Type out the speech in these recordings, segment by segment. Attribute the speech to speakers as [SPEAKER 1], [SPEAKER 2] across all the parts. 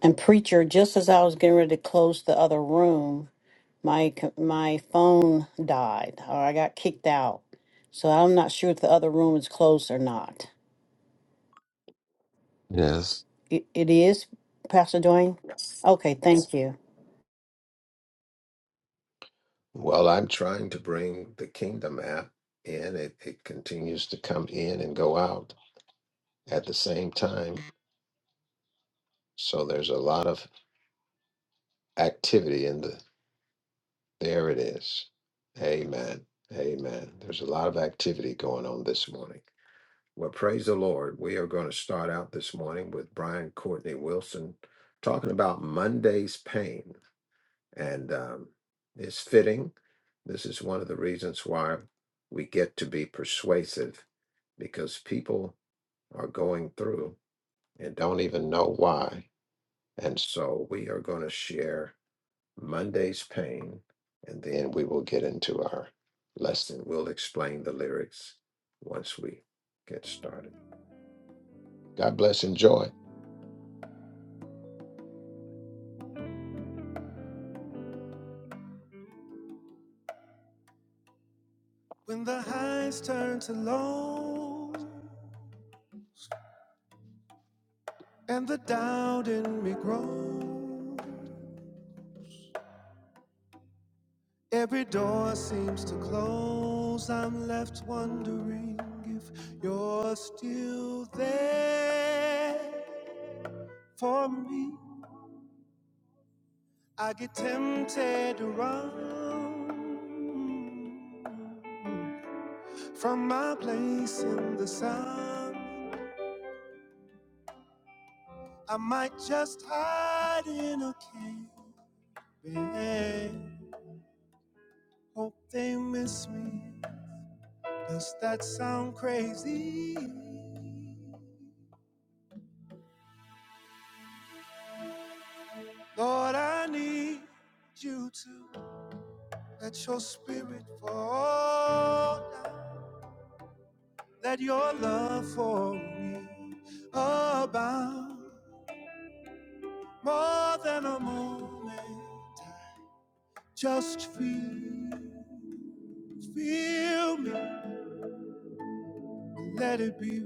[SPEAKER 1] And preacher, just as I was getting ready to close the other room, my c- my phone died, or I got kicked out. So I'm not sure if the other room is closed or not.
[SPEAKER 2] Yes.
[SPEAKER 1] It, it is, Pastor Dwayne. Yes. Okay, thank you.
[SPEAKER 3] Well, I'm trying to bring the Kingdom app in. It, it continues to come in and go out at the same time. So there's a lot of activity in the. There it is. Amen. Amen. There's a lot of activity going on this morning. Well, praise the Lord. We are going to start out this morning with Brian Courtney Wilson talking about Monday's pain. And um, it's fitting. This is one of the reasons why we get to be persuasive because people are going through and don't even know why. And so we are going to share Monday's pain and then we will get into our lesson. We'll explain the lyrics once we get started. God bless. Enjoy.
[SPEAKER 4] When the highs turn to low and the doubt in me grows, every door seems to close. I'm left wondering if you're still there for me. I get tempted to run from my place in the sun. I might just hide in a cave. Hope they miss me. Does that sound crazy? Lord, I need you to let your spirit fall down. Let your love for me abound more than a moment. Just feel, feel me. Let it be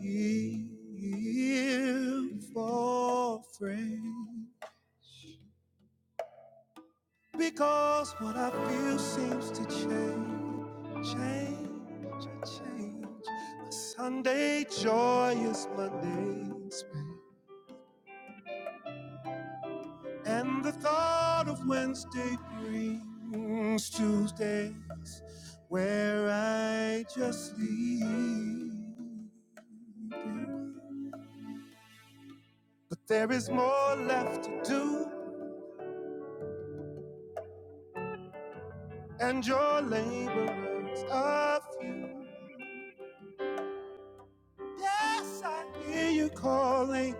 [SPEAKER 4] real for friends. Because what I feel seems to change, change, change. My Sunday joy is Monday's pain. And the thought of Wednesday brings Tuesdays where I just leave. But there is more left to do, and your labor is a few. Yes, I hear you calling,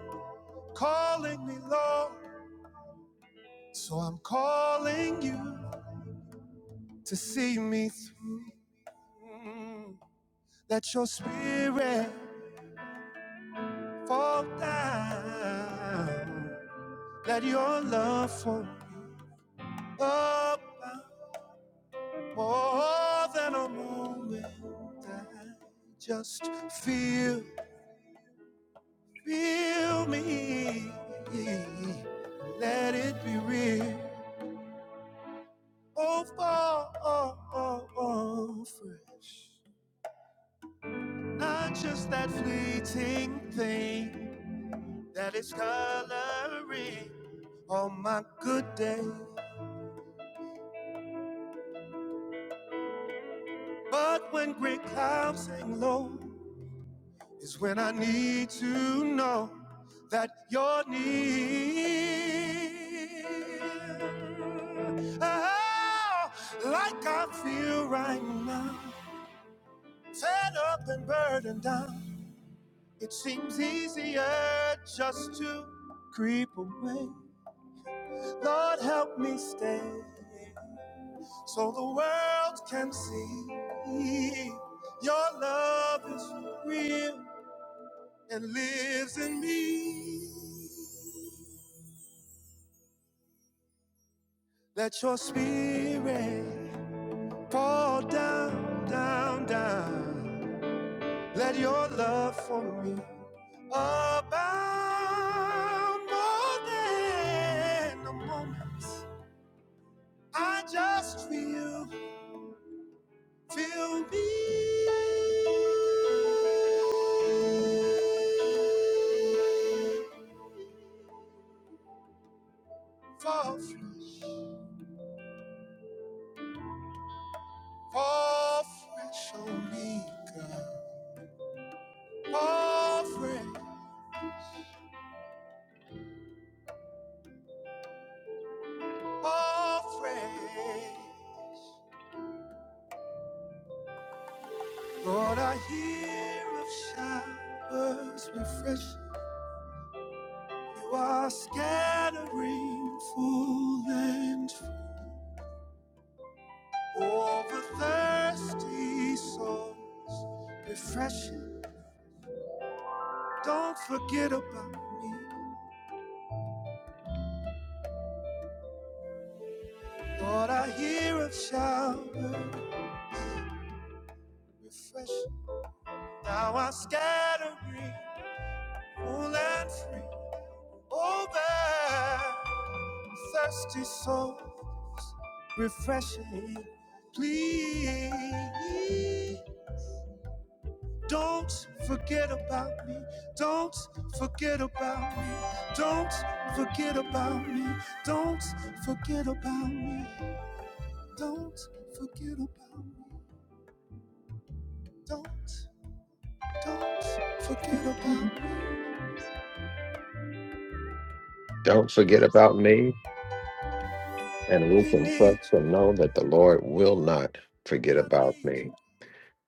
[SPEAKER 4] calling me, Lord. So I'm calling you to see me through. Let your spirit fall down. Let your love for me up more than a moment. I just feel, feel me. Let it be real. all fall, all, all, all fresh. Not just that fleeting thing that is coloring on my good day. But when gray clouds hang low, is when I need to know that you're near. Oh, like I feel right now, fed up and burdened down. It seems easier just to creep away. Lord, help me stay so the world can see your love is real and lives in me. Let your spirit fall down, down, down. Let your love for me abound more than a moment. I just feel, feel me fall fresh, fall fresh on me, God. Fall fresh, fall fresh. Lord, I hear of showers refreshing. You are scattering full and free over thirsty souls, refreshing. Don't forget about me. What I hear of shower, refreshing. Now I'm scattering, full and free. Over thirsty soul, refreshing. Please don't forget about me. Don't forget about me. Don't forget about me. Don't forget about me. Don't forget about me. Don't, don't forget about me.
[SPEAKER 3] Don't forget about me. And we
[SPEAKER 4] We need
[SPEAKER 3] can trust
[SPEAKER 4] you.
[SPEAKER 3] and know that the Lord will not forget
[SPEAKER 4] I
[SPEAKER 3] about
[SPEAKER 4] need
[SPEAKER 3] me.
[SPEAKER 4] you.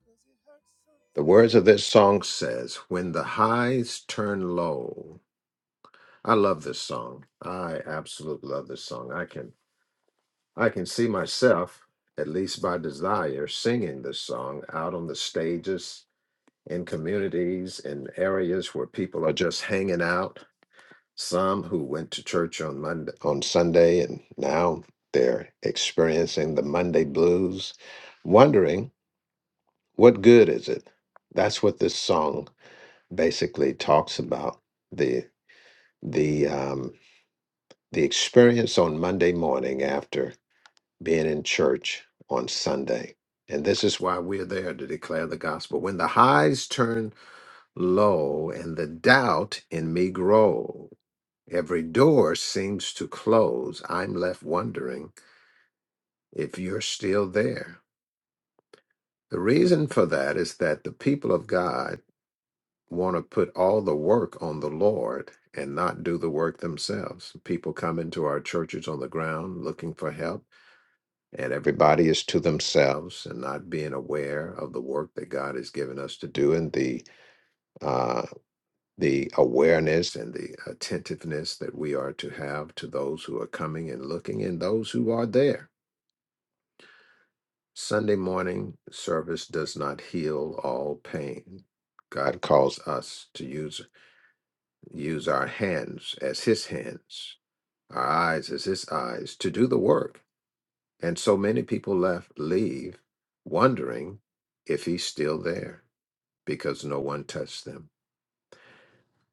[SPEAKER 4] Cause it hurts
[SPEAKER 3] The words of this song says, When the highs turn low. I love this song. I absolutely love this song. I can I can see myself, at least by desire, singing this song out on the stages in communities in areas where people are just hanging out. Some who went to church on Monday on Sunday and now they're experiencing the Monday blues, wondering what good is it? That's what this song basically talks about. The the um the experience on Monday morning after being in church on Sunday. And this is why we're there to declare the gospel. When the highs turn low and the doubt in me grow, every door seems to close. I'm left wondering if you're still there. The reason for that is that the people of God want to put all the work on the Lord and not do the work themselves. People come into our churches on the ground looking for help and everybody is to themselves and not being aware of the work that God has given us to do and the uh, the awareness and the attentiveness that we are to have to those who are coming and looking and those who are there. Sunday morning service does not heal all pain. God calls us to use use our hands as His hands, our eyes as His eyes to do the work And so many people left leave wondering if he's still there because no one touched them.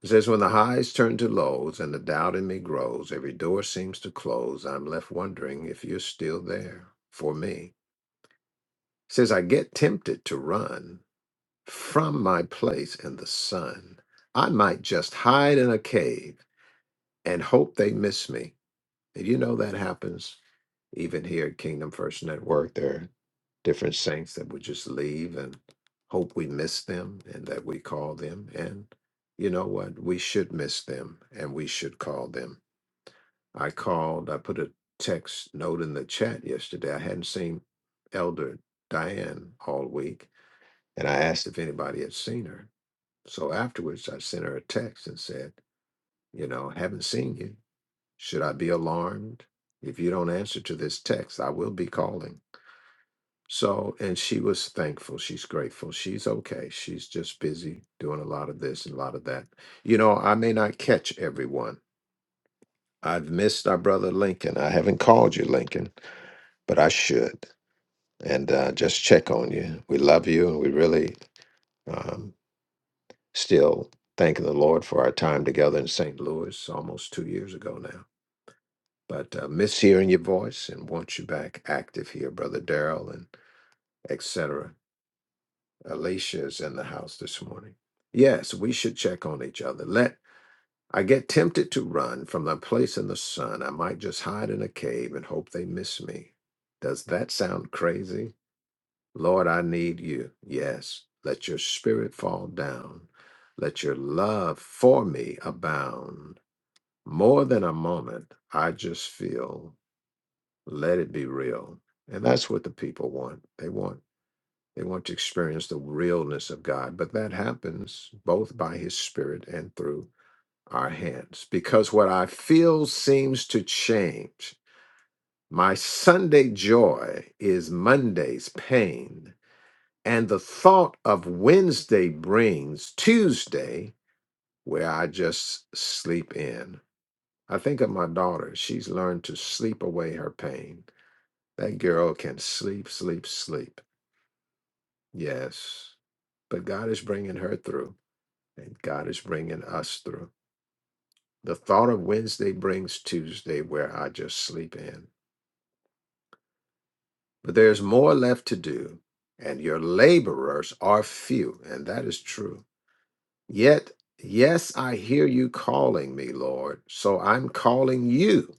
[SPEAKER 3] It says, When the highs turn to lows and the doubt in me grows, every door seems to close, I'm left wondering if you're still there for me. It says, I get tempted to run from my place in the sun. I might just hide in a cave and hope they miss me. And you know that happens Even here at Kingdom First Network, there are different saints that would just leave and hope we miss them and that we call them. And you know what? We should miss them and we should call them. I called, I put a text note in the chat yesterday. I hadn't seen Elder Diane all week and I asked if anybody had seen her. So afterwards, I sent her a text and said, You know, haven't seen you. Should I be alarmed? If you don't answer to this text, I will be calling. So, and she was thankful. She's grateful. She's okay. She's just busy doing a lot of this and a lot of that. You know, I may not catch everyone. I've missed our brother Lincoln. I haven't called you, Lincoln, but I should. And uh, just check on you. We love you, and we really um, still thanking the Lord for our time together in St. Louis almost two years ago now. But uh, miss hearing your voice and want you back active here, brother Daryl, and etc. Alicia is in the house this morning. Yes, we should check on each other. Let I get tempted to run from the place in the sun. I might just hide in a cave and hope they miss me. Does that sound crazy? Lord, I need you. Yes, let your spirit fall down. Let your love for me abound. More than a moment, I just feel, let it be real. And that's what the people want. They want they want to experience the realness of God, but that happens both by His Spirit and through our hands. Because what I feel seems to change. My Sunday joy is Monday's pain, and the thought of Wednesday brings Tuesday, where I just sleep in. I think of my daughter. She's learned to sleep away her pain. That girl can sleep, sleep, sleep. Yes, but God is bringing her through. And God is bringing us through. The thought of Wednesday brings Tuesday, where I just sleep in. But there's more left to do, and your laborers are few, and that is true. Yet, yes, I hear you calling me, Lord, so I'm calling you.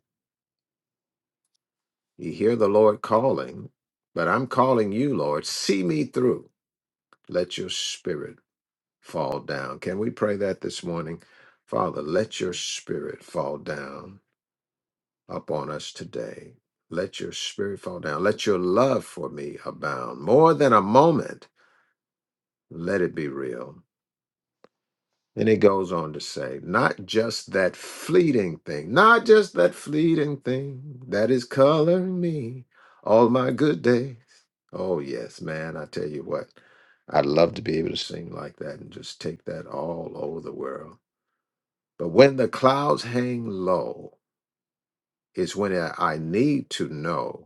[SPEAKER 3] You hear the Lord calling, but I'm calling you, Lord. See me through. Let your spirit fall down. Can we pray that this morning? Father, let your spirit fall down upon us today. Let your spirit fall down. Let your love for me abound more than a moment. Let it be real. And it goes on to say, not just that fleeting thing, not just that fleeting thing that is coloring me all my good days. Oh, yes, man, I tell you what, I'd love to be able to sing like that and just take that all over the world. But when the clouds hang low, is when I I need to know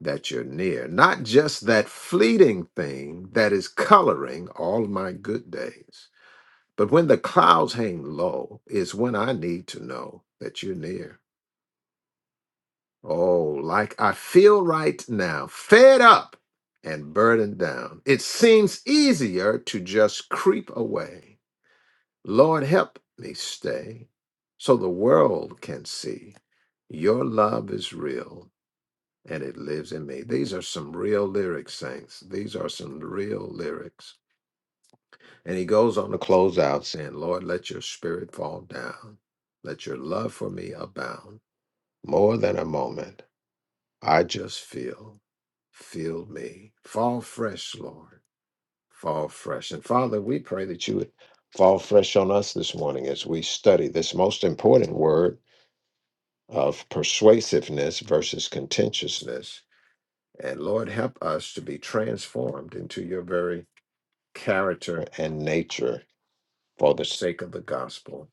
[SPEAKER 3] that you're near, not just that fleeting thing that is coloring all my good days. But when the clouds hang low is when I need to know that you're near. Oh, like I feel right now, fed up and burdened down. It seems easier to just creep away. Lord, help me stay so the world can see your love is real and it lives in me. These are some real lyrics, saints. These are some real lyrics. And he goes on to close out saying, Lord, let your spirit fall down. Let your love for me abound. More than a moment, I just feel, feel me. Fall fresh, Lord. Fall fresh. And Father, we pray that you would fall fresh on us this morning as we study this most important word of persuasiveness versus contentiousness And Lord, help us to be transformed into your very character and nature for the sake of the gospel.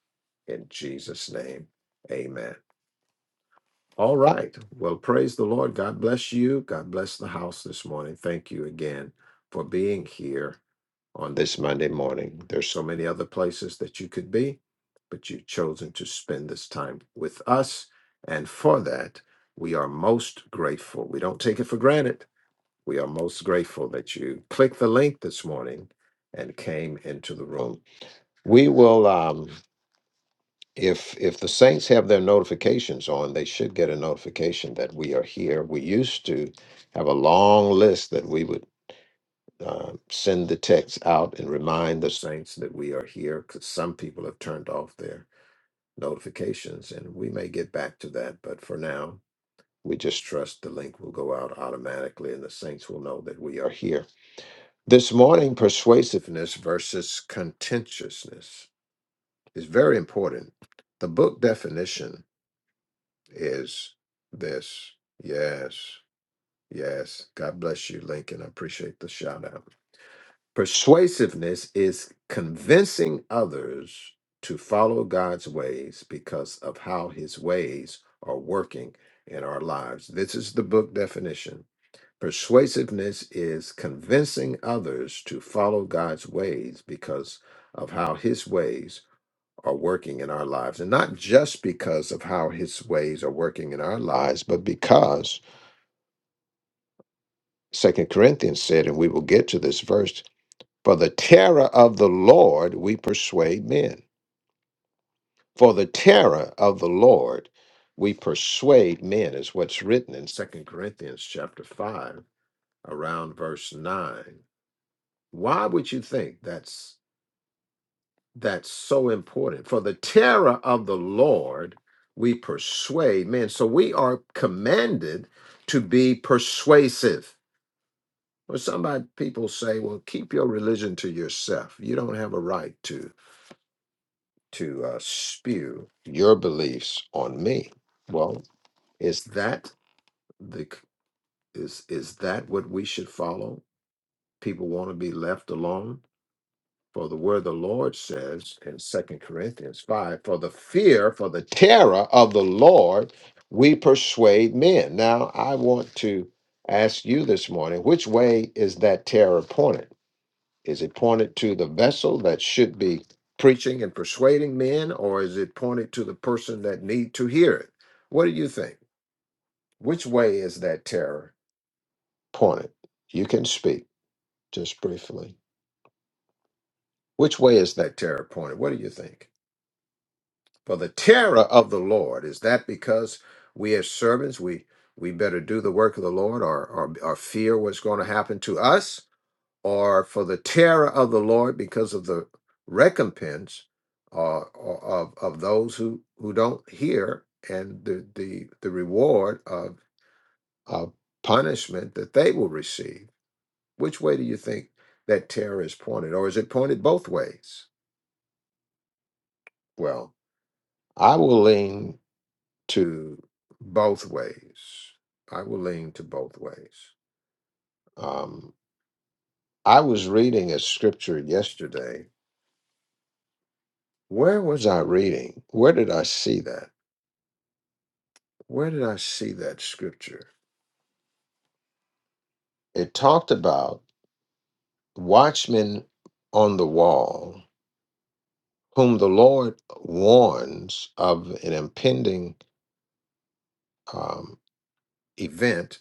[SPEAKER 3] In Jesus' name, amen. All right. Well, praise the Lord. God bless you. God bless the house this morning. Thank you again for being here on this Monday morning. There's so many other places that you could be, but you've chosen to spend this time with us. And for that, we are most grateful. We don't take it for granted we are most grateful that you clicked the link this morning and came into the room. We will, um, if if the saints have their notifications on, they should get a notification that we are here. We used to have a long list that we would uh, send the text out and remind the saints that we are here because some people have turned off their notifications, and we may get back to that. But for now, we just trust the link will go out automatically, and the saints will know that we are here This morning, persuasiveness versus contentiousness is very important. The book definition is this. Yes, yes. God bless you, Lincoln. I appreciate the shout out. Persuasiveness is convincing others to follow God's ways because of how his ways are working in our lives. This is the book definition. Persuasiveness is convincing others to follow God's ways because of how his ways are working in our lives. And not just because of how his ways are working in our lives, but because Second Corinthians said, and we will get to this verse, for the terror of the Lord we persuade men. For the terror of the Lord we persuade men is what's written in Second Corinthians chapter 5 around verse 9 Why would you think that's that's so important? For the terror of the Lord we persuade men. So we are commanded to be persuasive. Well, somebody people say, well, keep your religion to yourself. You don't have a right to to uh, spew your beliefs on me. Well, is that the is is that what we should follow? People want to be left alone For the word of the Lord says in Second Corinthians 5, for the fear, for the terror of the Lord, we persuade men. Now, I want to ask you this morning, which way is that terror pointed? Is it pointed to the vessel that should be preaching and persuading men, or is it pointed to the person that need to hear it? What do you think? Which way is that terror pointed? You can speak just briefly. Which way is that terror pointed? What do you think? For the terror of the Lord is that because we as servants we we better do the work of the Lord or or, or fear what's going to happen to us, or for the terror of the Lord because of the recompense uh, or of of those who who don't hear and the the the reward of of punishment that they will receive. Which way do you think that terror is pointed, or is it pointed both ways? Well, I will lean to both ways. I will lean to both ways. Um, I was reading a scripture yesterday. Where was I reading? Where did I see that? Where did I see that scripture? It talked about watchmen on the wall, whom the Lord warns of an impending um, event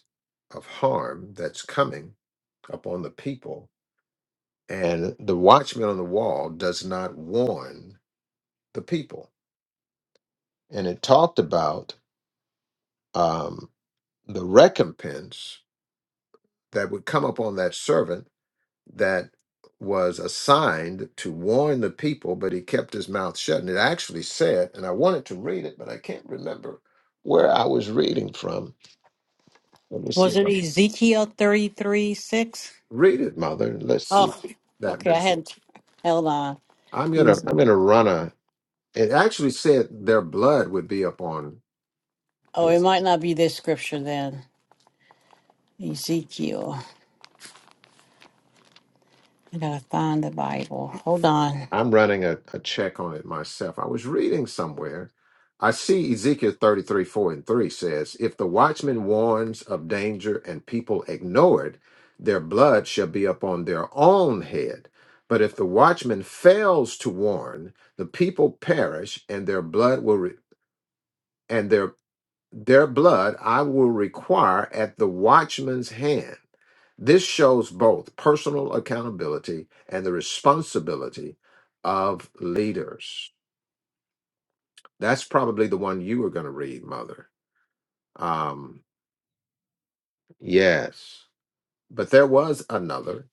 [SPEAKER 3] of harm that's coming upon the people. And the watchman on the wall does not warn the people. And it talked about um, the recompense that would come upon that servant that was assigned to warn the people, but he kept his mouth shut. And it actually said, and I wanted to read it, but I can't remember where I was reading from. Let me see
[SPEAKER 1] Was
[SPEAKER 3] if
[SPEAKER 1] it
[SPEAKER 3] I
[SPEAKER 1] Ezekiel thirty three six?
[SPEAKER 3] read it, mother. and Let's see if
[SPEAKER 1] Oh,
[SPEAKER 3] that
[SPEAKER 1] okay. I
[SPEAKER 3] was it.
[SPEAKER 1] hadn't. Held on.
[SPEAKER 3] I'm gonna
[SPEAKER 1] Mm.
[SPEAKER 3] I'm gonna run a it actually said their blood would be upon
[SPEAKER 1] Oh, it
[SPEAKER 3] his
[SPEAKER 1] might not be this scripture then. Ezekiel. I gotta find the Bible. Hold on.
[SPEAKER 3] I'm running a, a check on it myself. I was reading somewhere. I see Ezekiel 33, 4 and 3 says, If the watchman warns of danger and people ignore it, their blood shall be upon their own head. But if the watchman fails to warn, the people perish and their blood will re- and their their blood I will require at the watchman's hand. This shows both personal accountability and the responsibility of leaders. That's probably the one you were going to read, Mother. Um, yes. But there was another,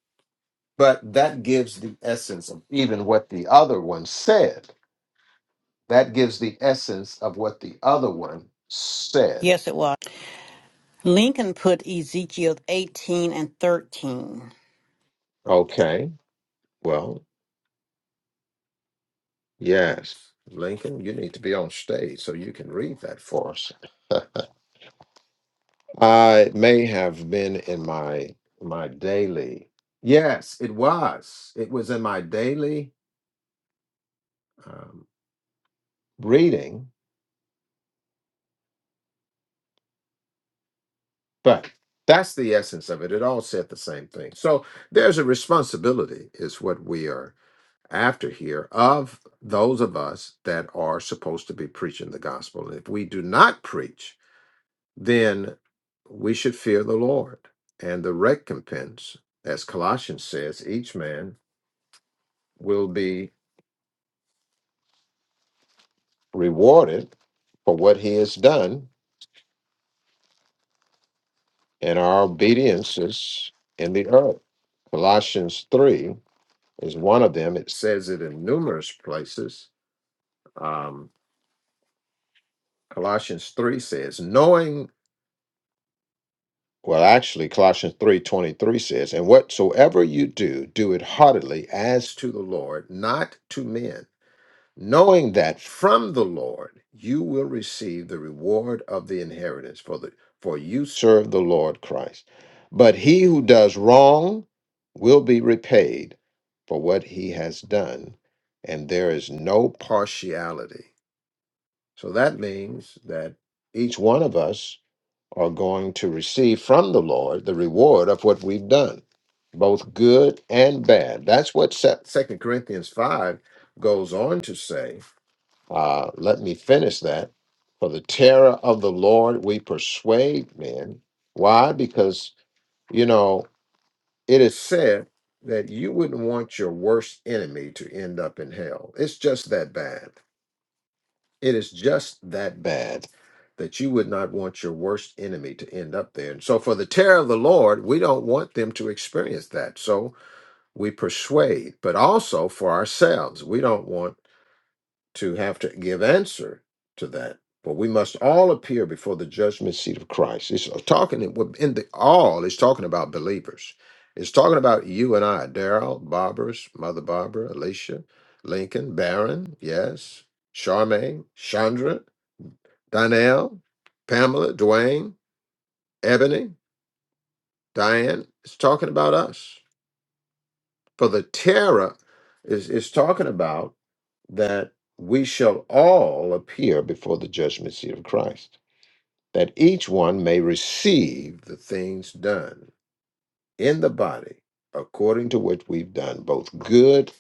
[SPEAKER 3] but that gives the essence of even what the other one said. That gives the essence of what the other one said.
[SPEAKER 1] Yes, it was. Lincoln put Ezekiel 18 and 13.
[SPEAKER 3] Okay. Well. Yes, Lincoln, you need to be on stage so you can read that for us. Uh, it may have been in my my daily. Yes, it was. It was in my daily um, reading, but that's the essence of it. It all said the same thing. So there's a responsibility, is what we are after here, of those of us that are supposed to be preaching the gospel. And if we do not preach, then we should fear the Lord. And the recompense, as Colossians says, each man will be rewarded for what he has done and our obediences in the earth. Colossians 3 is one of them. It says it in numerous places. Um, Colossians 3 says, knowing, well, actually, Colossians three twenty three says, and whatsoever you do, do it heartily as to the Lord, not to men knowing that from the Lord you will receive the reward of the inheritance, for the for you serve the Lord Christ. But he who does wrong will be repaid for what he has done, and there is no partiality. So that means that each one of us are going to receive from the Lord the reward of what we've done, both good and bad. That's what Second Corinthians 5 goes on to say uh, let me finish that. For the terror of the Lord we persuade men. Why? Because, you know, it is said that you wouldn't want your worst enemy to end up in hell. It's just that bad. It is just that bad that you would not want your worst enemy to end up there. And so, for the terror of the Lord, we don't want them to experience that. So, we persuade, but also for ourselves. We don't want to have to give answer to that. For we must all appear before the judgment seat of Christ. It's uh, talking in the all. It's talking about believers. It's talking about you and I, Daryl, Barbara's mother, Barbara, Alicia, Lincoln, Barron, yes, Charmaine, Chandra, Donnell, Pamela, Dwayne, Ebony, Diane. It's talking about us. For the terror is is talking about that we shall all appear before the judgment seat of Christ, that each one may receive the things done in the body according to which we've done both good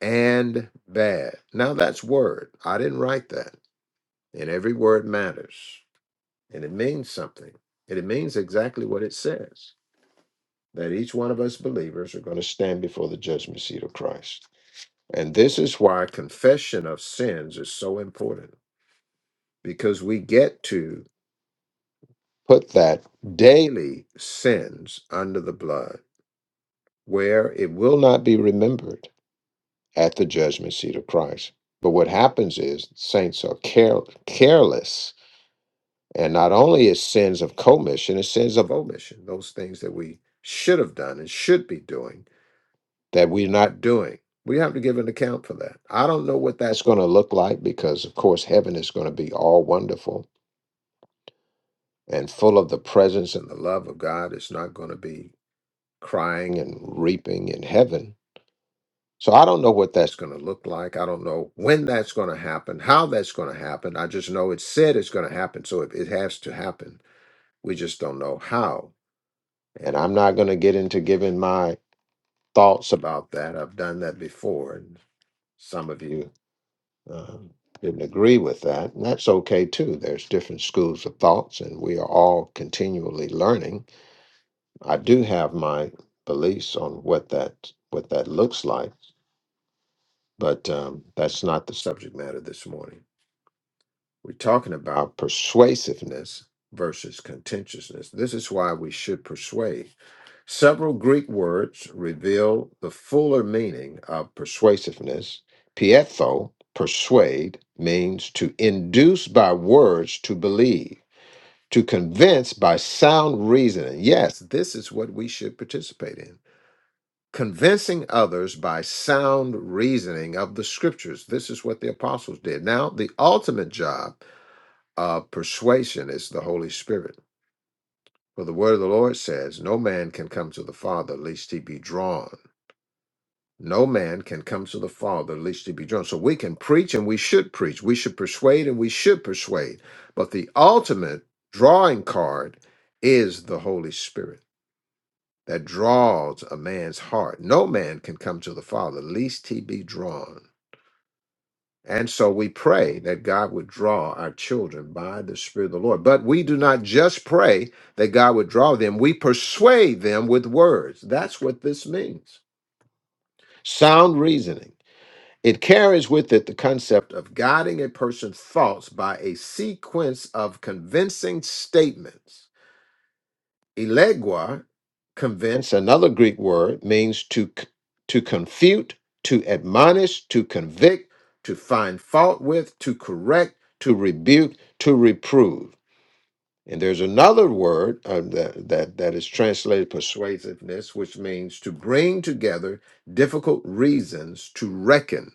[SPEAKER 3] and bad. Now that's word. I didn't write that. And every word matters. And it means something. And it means exactly what it says that each one of us believers are going to stand before the judgment seat of Christ. And this is why confession of sins is so important because we get to put that daily sins under the blood where it will not be remembered at the judgment seat of Christ. But what happens is saints are care- careless, and not only is sins of commission, it's sins of omission, those things that we should have done and should be doing that we're not doing. We have to give an account for that. I don't know what that's going to look like because, of course, heaven is going to be all wonderful and full of the presence and the love of God is not going to be crying and reaping in heaven. So I don't know what that's going to look like. I don't know when that's going to happen, how that's going to happen. I just know it's said it's going to happen. So it, it has to happen. We just don't know how. And I'm not going to get into giving my thoughts about that. I've done that before. And some of you um, didn't agree with that. And that's okay too. There's different schools of thoughts, and we are all continually learning I do have my beliefs on what that what that looks like, but um, that's not the subject matter this morning. We're talking about persuasiveness versus contentiousness. This is why we should persuade. Several Greek words reveal the fuller meaning of persuasiveness. Pietho, persuade, means to induce by words to believe, to convince by sound reasoning. Yes, this is what we should participate in. convincing others by sound reasoning of the scriptures. This is what the apostles did. Now, the ultimate job of persuasion is the Holy Spirit. For the word of the Lord says, No man can come to the Father lest he be drawn. No man can come to the Father lest he be drawn. So we can preach and we should preach. We should persuade and we should persuade. But the ultimate drawing card is the Holy Spirit. that draws a man's heart. No man can come to the Father lest he be drawn. And so we pray that God would draw our children by the Spirit of the Lord. But we do not just pray that God would draw them, we persuade them with words. That's what this means. Sound reasoning. It carries with it the concept of guiding a person's thoughts by a sequence of convincing statements Elegua, convince, another Greek word, means to, c- to confute, to admonish, to convict, to find fault with, to correct, to rebuke, to reprove. And there's another word uh, that, that, that is translated persuasiveness, which means to bring together difficult reasons to reckon.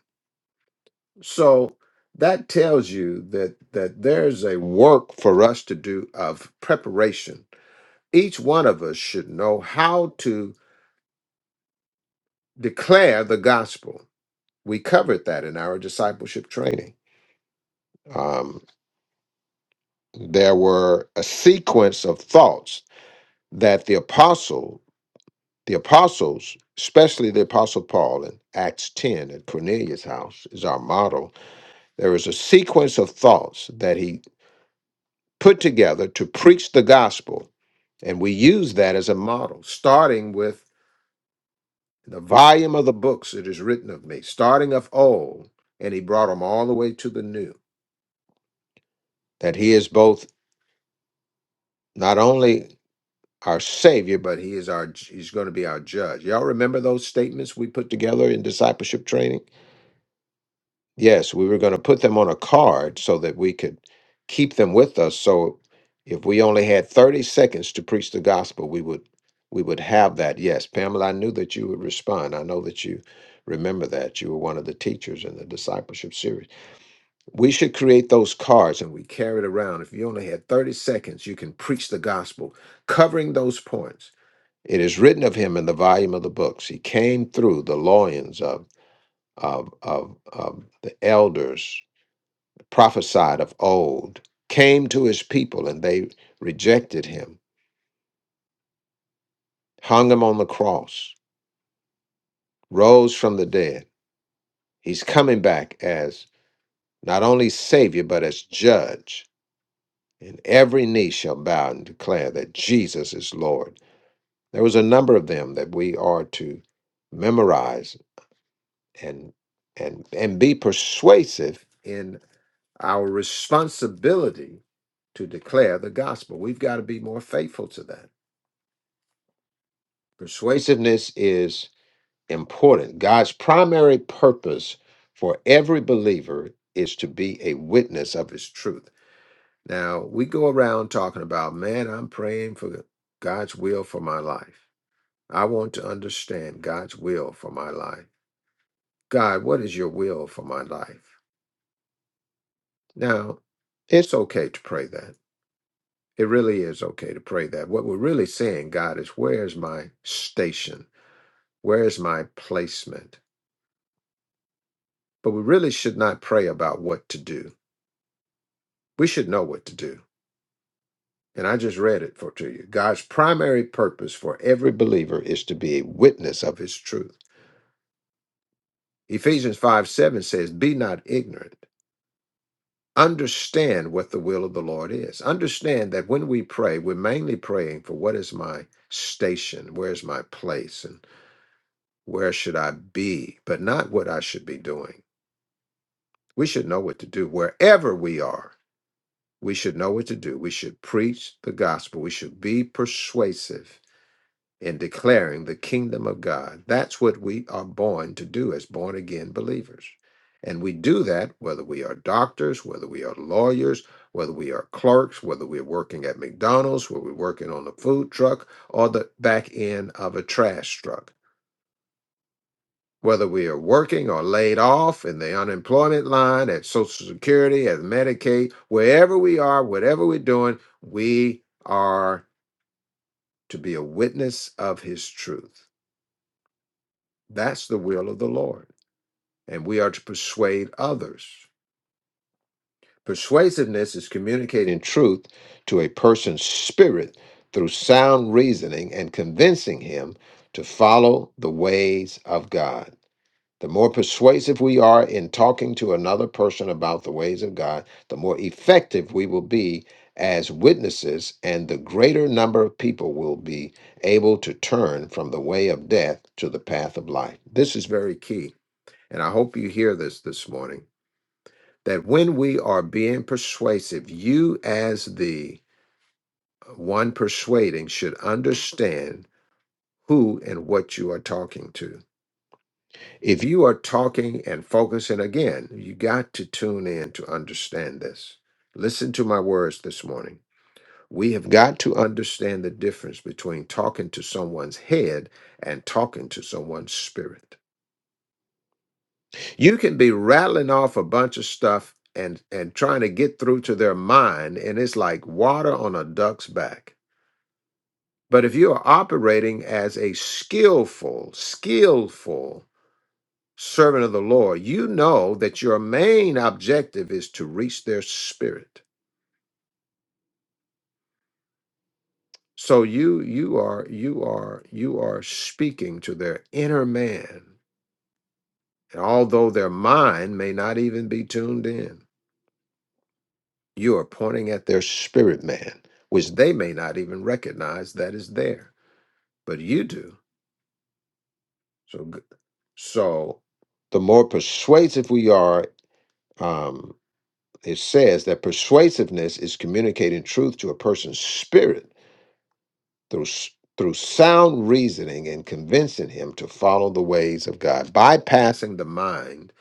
[SPEAKER 3] So that tells you that, that there's a work for us to do of preparation each one of us should know how to declare the gospel. We covered that in our discipleship training. Um, there were a sequence of thoughts that the apostle, the apostles, especially the apostle Paul in Acts 10 at Cornelius' house is our model. There was a sequence of thoughts that he put together to preach the gospel. And we use that as a model, starting with the volume of the books it is written of me, starting of old, and he brought them all the way to the new. That he is both not only our savior, but he is our he's going to be our judge. Y'all remember those statements we put together in discipleship training? Yes, we were going to put them on a card so that we could keep them with us. So if we only had 30 seconds to preach the gospel, we would we would have that. Yes, Pamela, I knew that you would respond. I know that you remember that. You were one of the teachers in the discipleship series. We should create those cards and we carry it around. If you only had 30 seconds, you can preach the gospel, covering those points. It is written of him in the volume of the books. He came through the loins of, of, of, of the elders, prophesied of old, came to his people, and they rejected him, hung him on the cross, rose from the dead. He's coming back as not only Savior, but as Judge. and every knee shall bow and declare that Jesus is Lord. There was a number of them that we are to memorize and and and be persuasive in our responsibility to declare the gospel. We've got to be more faithful to that. Persuasiveness is important. God's primary purpose for every believer is to be a witness of his truth. Now, we go around talking about, man, I'm praying for God's will for my life. I want to understand God's will for my life. God, what is your will for my life? Now, it's okay to pray that. It really is okay to pray that. What we're really saying, God, is where is my station? Where is my placement? But we really should not pray about what to do. We should know what to do. And I just read it for to you. God's primary purpose for every believer is to be a witness of his truth. Ephesians 5 7 says, Be not ignorant. Understand what the will of the Lord is. Understand that when we pray, we're mainly praying for what is my station, where's my place, and where should I be, but not what I should be doing. We should know what to do wherever we are. We should know what to do. We should preach the gospel. We should be persuasive in declaring the kingdom of God. That's what we are born to do as born again believers. And we do that whether we are doctors, whether we are lawyers, whether we are clerks, whether we're working at McDonald's, whether we're working on a food truck or the back end of a trash truck, whether we are working or laid off in the unemployment line, at Social Security, at Medicaid, wherever we are, whatever we're doing, we are to be a witness of His truth. That's the will of the Lord. And we are to persuade others. Persuasiveness is communicating truth to a person's spirit through sound reasoning and convincing him to follow the ways of God. The more persuasive we are in talking to another person about the ways of God, the more effective we will be as witnesses, and the greater number of people will be able to turn from the way of death to the path of life. This is very key and I hope you hear this this morning, that when we are being persuasive, you as the uh, one persuading should understand who and what you are talking to. If you are talking and focusing again, you got to tune in to understand this. Listen to my words this morning. We have got to understand the difference between talking to someone's head and talking to someone's spirit. You can be rattling off a bunch of stuff and and trying to get through to their mind and it's like water on a duck's back. But if you are operating as a skillful, skillful servant of the Lord, you know that your main objective is to reach their spirit. So you you are you are you are speaking to their inner man, although their mind may not even be tuned in. You are pointing at their spirit man, which they may not even recognize that is there, but you do. So, g- so the more persuasive we are, um, it says that persuasiveness is communicating truth to a person's spirit through s- through sound reasoning and convincing him to follow the ways of God, bypassing the mind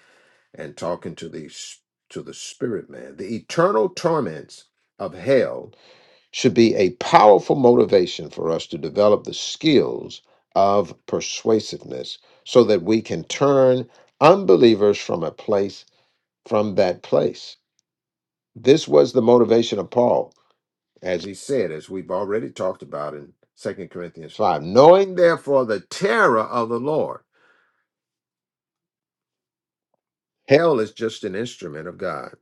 [SPEAKER 3] and talking to the s- to the spirit man. The eternal torments of hell should be a powerful motivation for us to develop the skills of persuasiveness so that we can turn unbelievers from a place from that place this was the motivation of paul as he said as we've already talked about in Second corinthians 5 knowing therefore the terror of the lord hell is just an instrument of god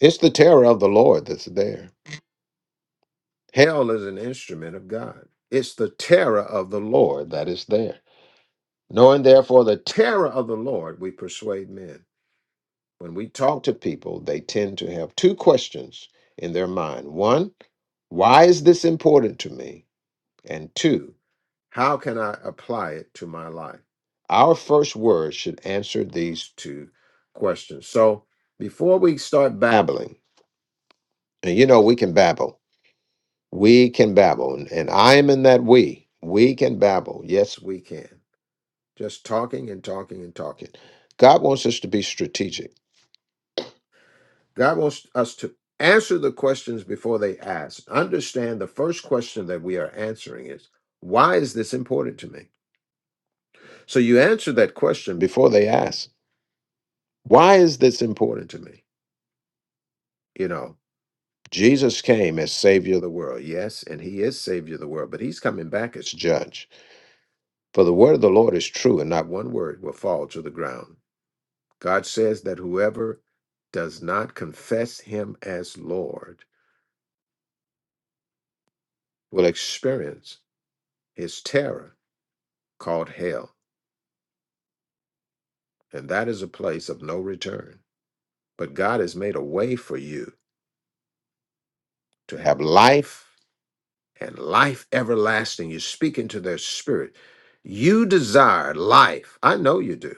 [SPEAKER 3] it's the terror of the lord that's there hell is an instrument of god it's the terror of the lord that is there Knowing therefore the terror of the Lord, we persuade men. When we talk to people, they tend to have two questions in their mind. One, why is this important to me? And two, how can I apply it to my life? Our first word should answer these two questions. So before we start babbling, and you know, we can babble, we can babble, and, and I am in that we. We can babble. Yes, we can. just talking and talking and talking. God wants us to be strategic. God wants us to answer the questions before they ask. Understand the first question that we are answering is, why is this important to me? So you answer that question before they ask. Why is this important to me? You know, Jesus came as savior of the world. Yes, and he is savior of the world, but he's coming back as judge. For the word of the Lord is true, and not one word will fall to the ground. God says that whoever does not confess him as Lord will experience his terror called hell, and that is a place of no return. But God has made a way for you to have life and life everlasting. you speak into their spirit. You desire life. I know you do.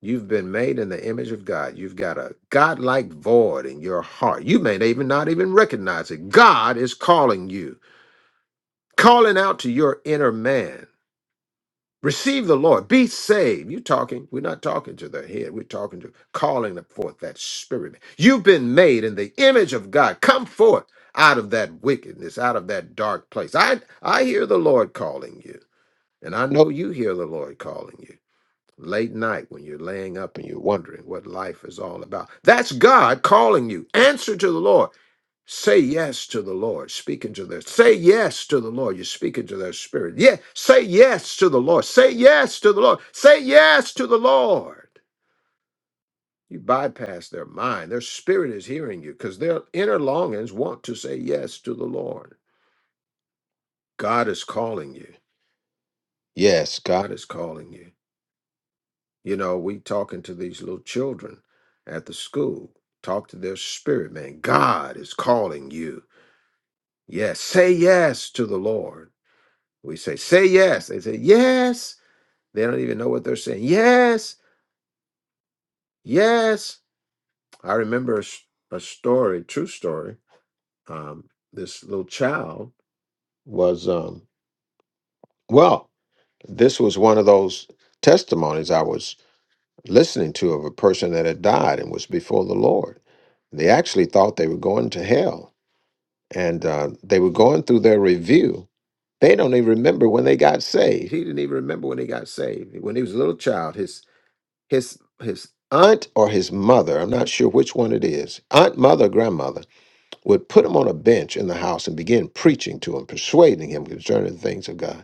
[SPEAKER 3] You've been made in the image of God. You've got a godlike void in your heart. You may even not even recognize it. God is calling you calling out to your inner man. Receive the Lord. Be saved. You talking? We're not talking to the head. We're talking to calling forth that spirit. You've been made in the image of God. Come forth out of that wickedness, out of that dark place. I I hear the Lord calling you, and I know you hear the Lord calling you. Late night when you're laying up and you're wondering what life is all about. That's God calling you. Answer to the Lord. Say yes to the Lord, speaking to their say yes to the Lord. You're speaking to their spirit. Yeah, say yes to the Lord. Say yes to the Lord. Say yes to the Lord. You bypass their mind. Their spirit is hearing you because their inner longings want to say yes to the Lord. God is calling you. Yes, God is calling you. You know, we talking to these little children at the school. Talk to their spirit, man. God is calling you. Yes, say yes to the Lord. We say, say yes. They say, yes. They don't even know what they're saying. Yes, yes. I remember a a story, true story. Um, this little child was, um, well, this was one of those testimonies I was listening to of a person that had died and was before the Lord. They actually thought they were going to hell and uh, they were going through their review. They don't even remember when they got saved. He didn't even remember when he got saved. When he was a little child, his. his his aunt or his mother i'm not sure which one it is aunt mother grandmother would put him on a bench in the house and begin preaching to him persuading him concerning the things of god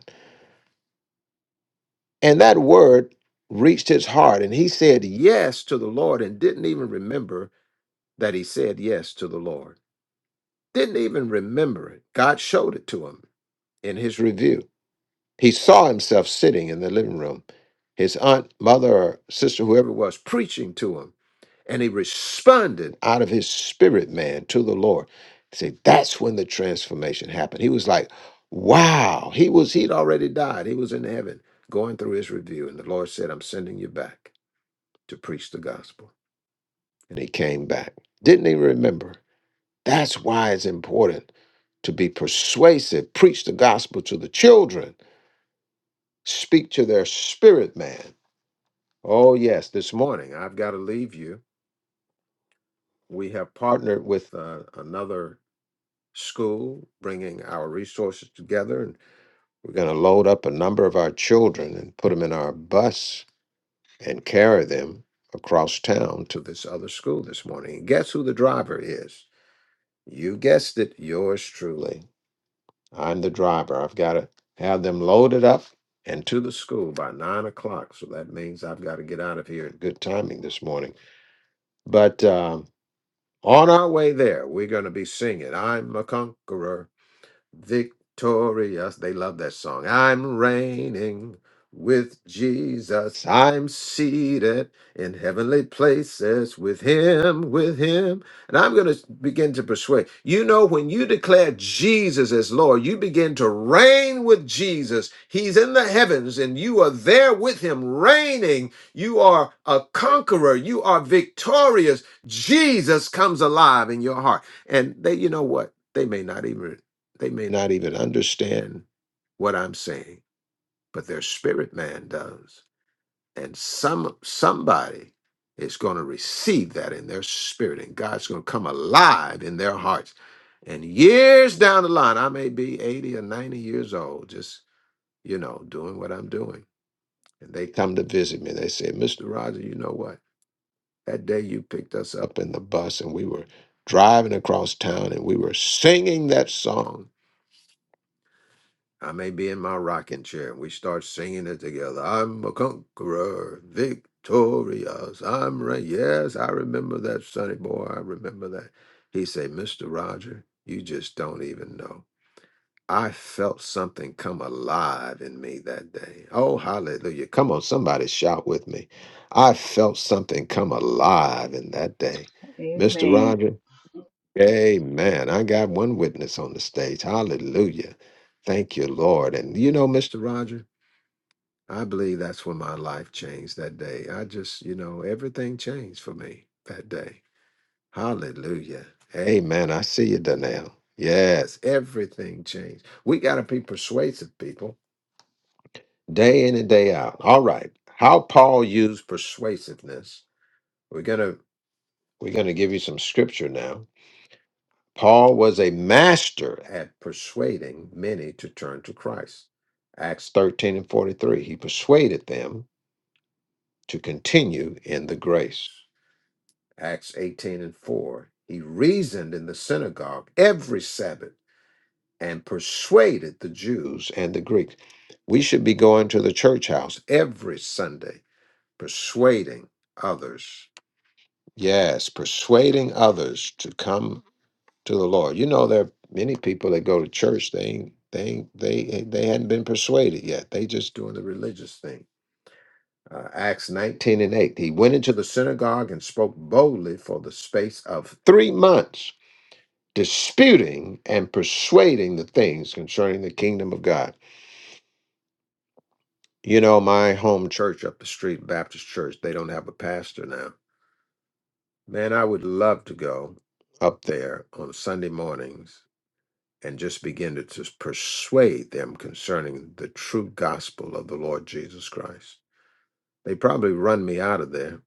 [SPEAKER 3] and that word reached his heart and he said yes to the lord and didn't even remember that he said yes to the lord didn't even remember it god showed it to him in his review he saw himself sitting in the living room his aunt mother or sister whoever it was preaching to him And he responded out of his spirit, man, to the Lord. See, that's when the transformation happened. He was like, wow. He was, he'd already died. He was in heaven going through his review. And the Lord said, I'm sending you back to preach the gospel. And he came back. Didn't he remember? That's why it's important to be persuasive, preach the gospel to the children, speak to their spirit, man. Oh, yes, this morning I've got to leave you. We have partnered with uh, another school, bringing our resources together. And we're going to load up a number of our children and put them in our bus and carry them across town to this other school this morning. And guess who the driver is? You guessed it, yours truly. I'm the driver. I've got to have them loaded up and to the school by nine o'clock. So that means I've got to get out of here at good timing this morning. But um, on our way there, we're going to be singing, I'm a Conqueror. victorious. They love that song. I'm reigning with Jesus. I'm seated in heavenly places with him, with him. And I'm going to begin to persuade. You know, when you declare Jesus as Lord, you begin to reign with Jesus. He's in the heavens and you are there with him, reigning. You are a conqueror. You are victorious. Jesus comes alive in your heart. And they, you know what? They may not even they may not even understand what I'm saying, but their spirit man does. And some somebody is going to receive that in their spirit, and God's going to come alive in their hearts. And years down the line, I may be 80 or 90 years old, just, you know, doing what I'm doing. And they come to visit me. They say, Mr. Roger, you know what? That day you picked us up in the bus and we were driving across town and we were singing that song I may be in my rocking chair. We start singing it together. I'm a conqueror, victorious. I'm right. Yes, I remember that, Sonny boy. I remember that. He said, Mr. Roger, you just don't even know. I felt something come alive in me that day. Oh, hallelujah. Come on, somebody shout with me. I felt something come alive in that day. Mr.
[SPEAKER 5] Amen.
[SPEAKER 3] Roger, Amen. I got one witness on the stage. Hallelujah. Thank you, Lord. And you know, Mr. Roger, I believe that's when my life changed that day. I just, you know, everything changed for me that day. Hallelujah. Amen. I see you, Donnell. Yes, everything changed. We got to be persuasive, people, day in and day out. All right. How Paul used persuasiveness. We're going to we're going to give you some scripture now Paul was a master at persuading many to turn to Christ. Acts 13 and 43. He persuaded them to continue in the grace. Acts 18 and 4. He reasoned in the synagogue every Sabbath and persuaded the Jews and the Greeks. We should be going to the church house every Sunday, persuading others. Yes, persuading others to come to the Lord. You know, there are many people that go to church. They ain't, they ain't, they they hadn't been persuaded yet. They just doing the religious thing. Uh, Acts nineteen and eight. He went into the synagogue and spoke boldly for the space of three months, disputing and persuading the things concerning the kingdom of God. You know, my home church up the street, Baptist Church. They don't have a pastor now. Man, I would love to go up there on Sunday mornings and just begin to to persuade them concerning the true gospel of the Lord Jesus Christ. They probably run me out of there,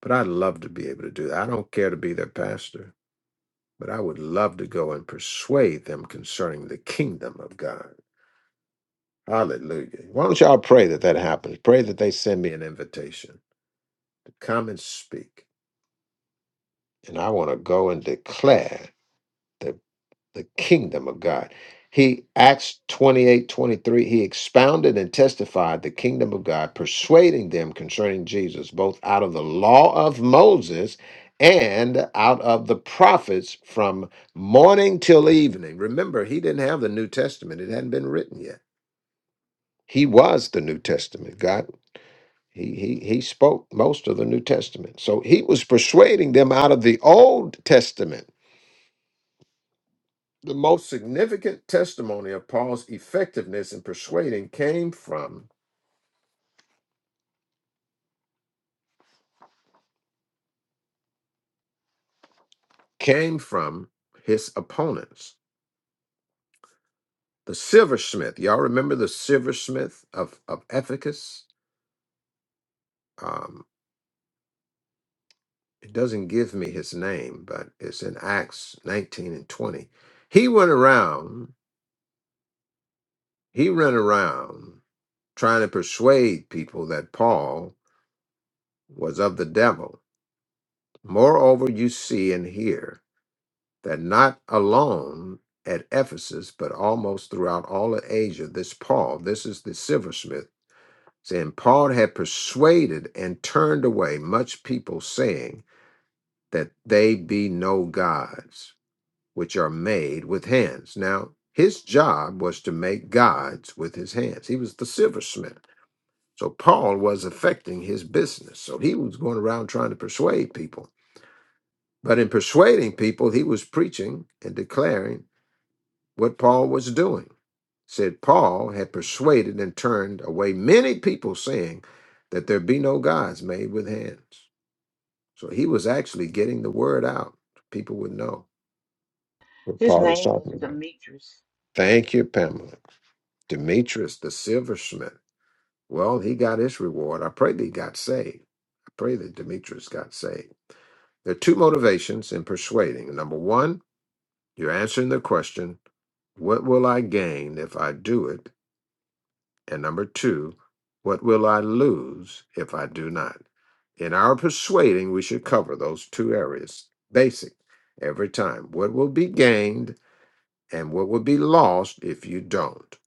[SPEAKER 3] but I'd love to be able to do that. I don't care to be their pastor, but I would love to go and persuade them concerning the kingdom of God. Hallelujah. Why don't y'all pray that that happens? Pray that they send me an invitation to come and speak. And I want to go and declare the the kingdom of God. He, Acts 28 23. he expounded and testified the kingdom of God, persuading them concerning Jesus, both out of the law of Moses and out of the prophets from morning till evening. Remember, he didn't have the New Testament, it hadn't been written yet. He was the New Testament. God, he, he, he spoke most of the New Testament. So he was persuading them out of the Old Testament The most significant testimony of Paul's effectiveness in persuading came from came from his opponents. The silversmith, y'all remember the silversmith of of Ephesus? Um, it doesn't give me his name, but it's in Acts 19 and 20. He went around, he ran around trying to persuade people that Paul was of the devil. Moreover, you see and hear. that not alone at Ephesus, but almost throughout all of Asia, this Paul, this is the silversmith, saying Paul had persuaded and turned away much people, saying that they be no gods which are made with hands. Now, his job was to make gods with his hands. He was the silversmith. So Paul was affecting his business. So he was going around trying to persuade people. But in persuading people, he was preaching and declaring what Paul was doing. Said Paul had persuaded and turned away many people, saying that there be no gods made with hands. So he was actually getting the word out. People would know what
[SPEAKER 5] His
[SPEAKER 3] Paul was
[SPEAKER 5] name was
[SPEAKER 3] talking about.
[SPEAKER 5] Demetrius.
[SPEAKER 3] Thank you, Pamela. Demetrius, the silversmith. Well, he got his reward. I pray that he got saved. I pray that Demetrius got saved. There are two motivations in persuading. Number one, you're answering the question, What will I gain if I do it? And number two, what will I lose if I do not? In our persuading, we should cover those two areas basic every time. What will be gained and what will be lost if you don't?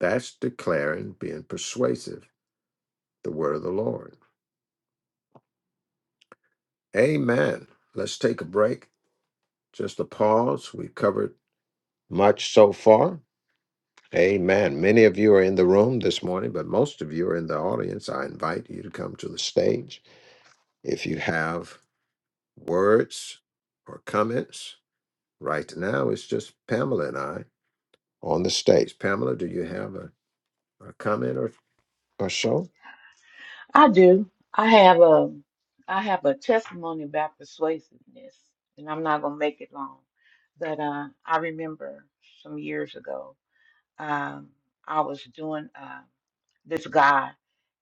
[SPEAKER 3] That's declaring, being persuasive, the word of the Lord. Amen. Let's take a break. Just a pause. We've covered much so far. Amen. Many of you are in the room this morning, but most of you are in the audience. I invite you to come to the stage if you have words or comments? Right now, it's just Pamela and I on the stage. Pamela, do you have a, a comment or, or so?
[SPEAKER 5] I do. I have a I have a testimony about persuasiveness, and I'm not gonna make it long. But uh, I remember some years ago, um, I was doing uh, this guy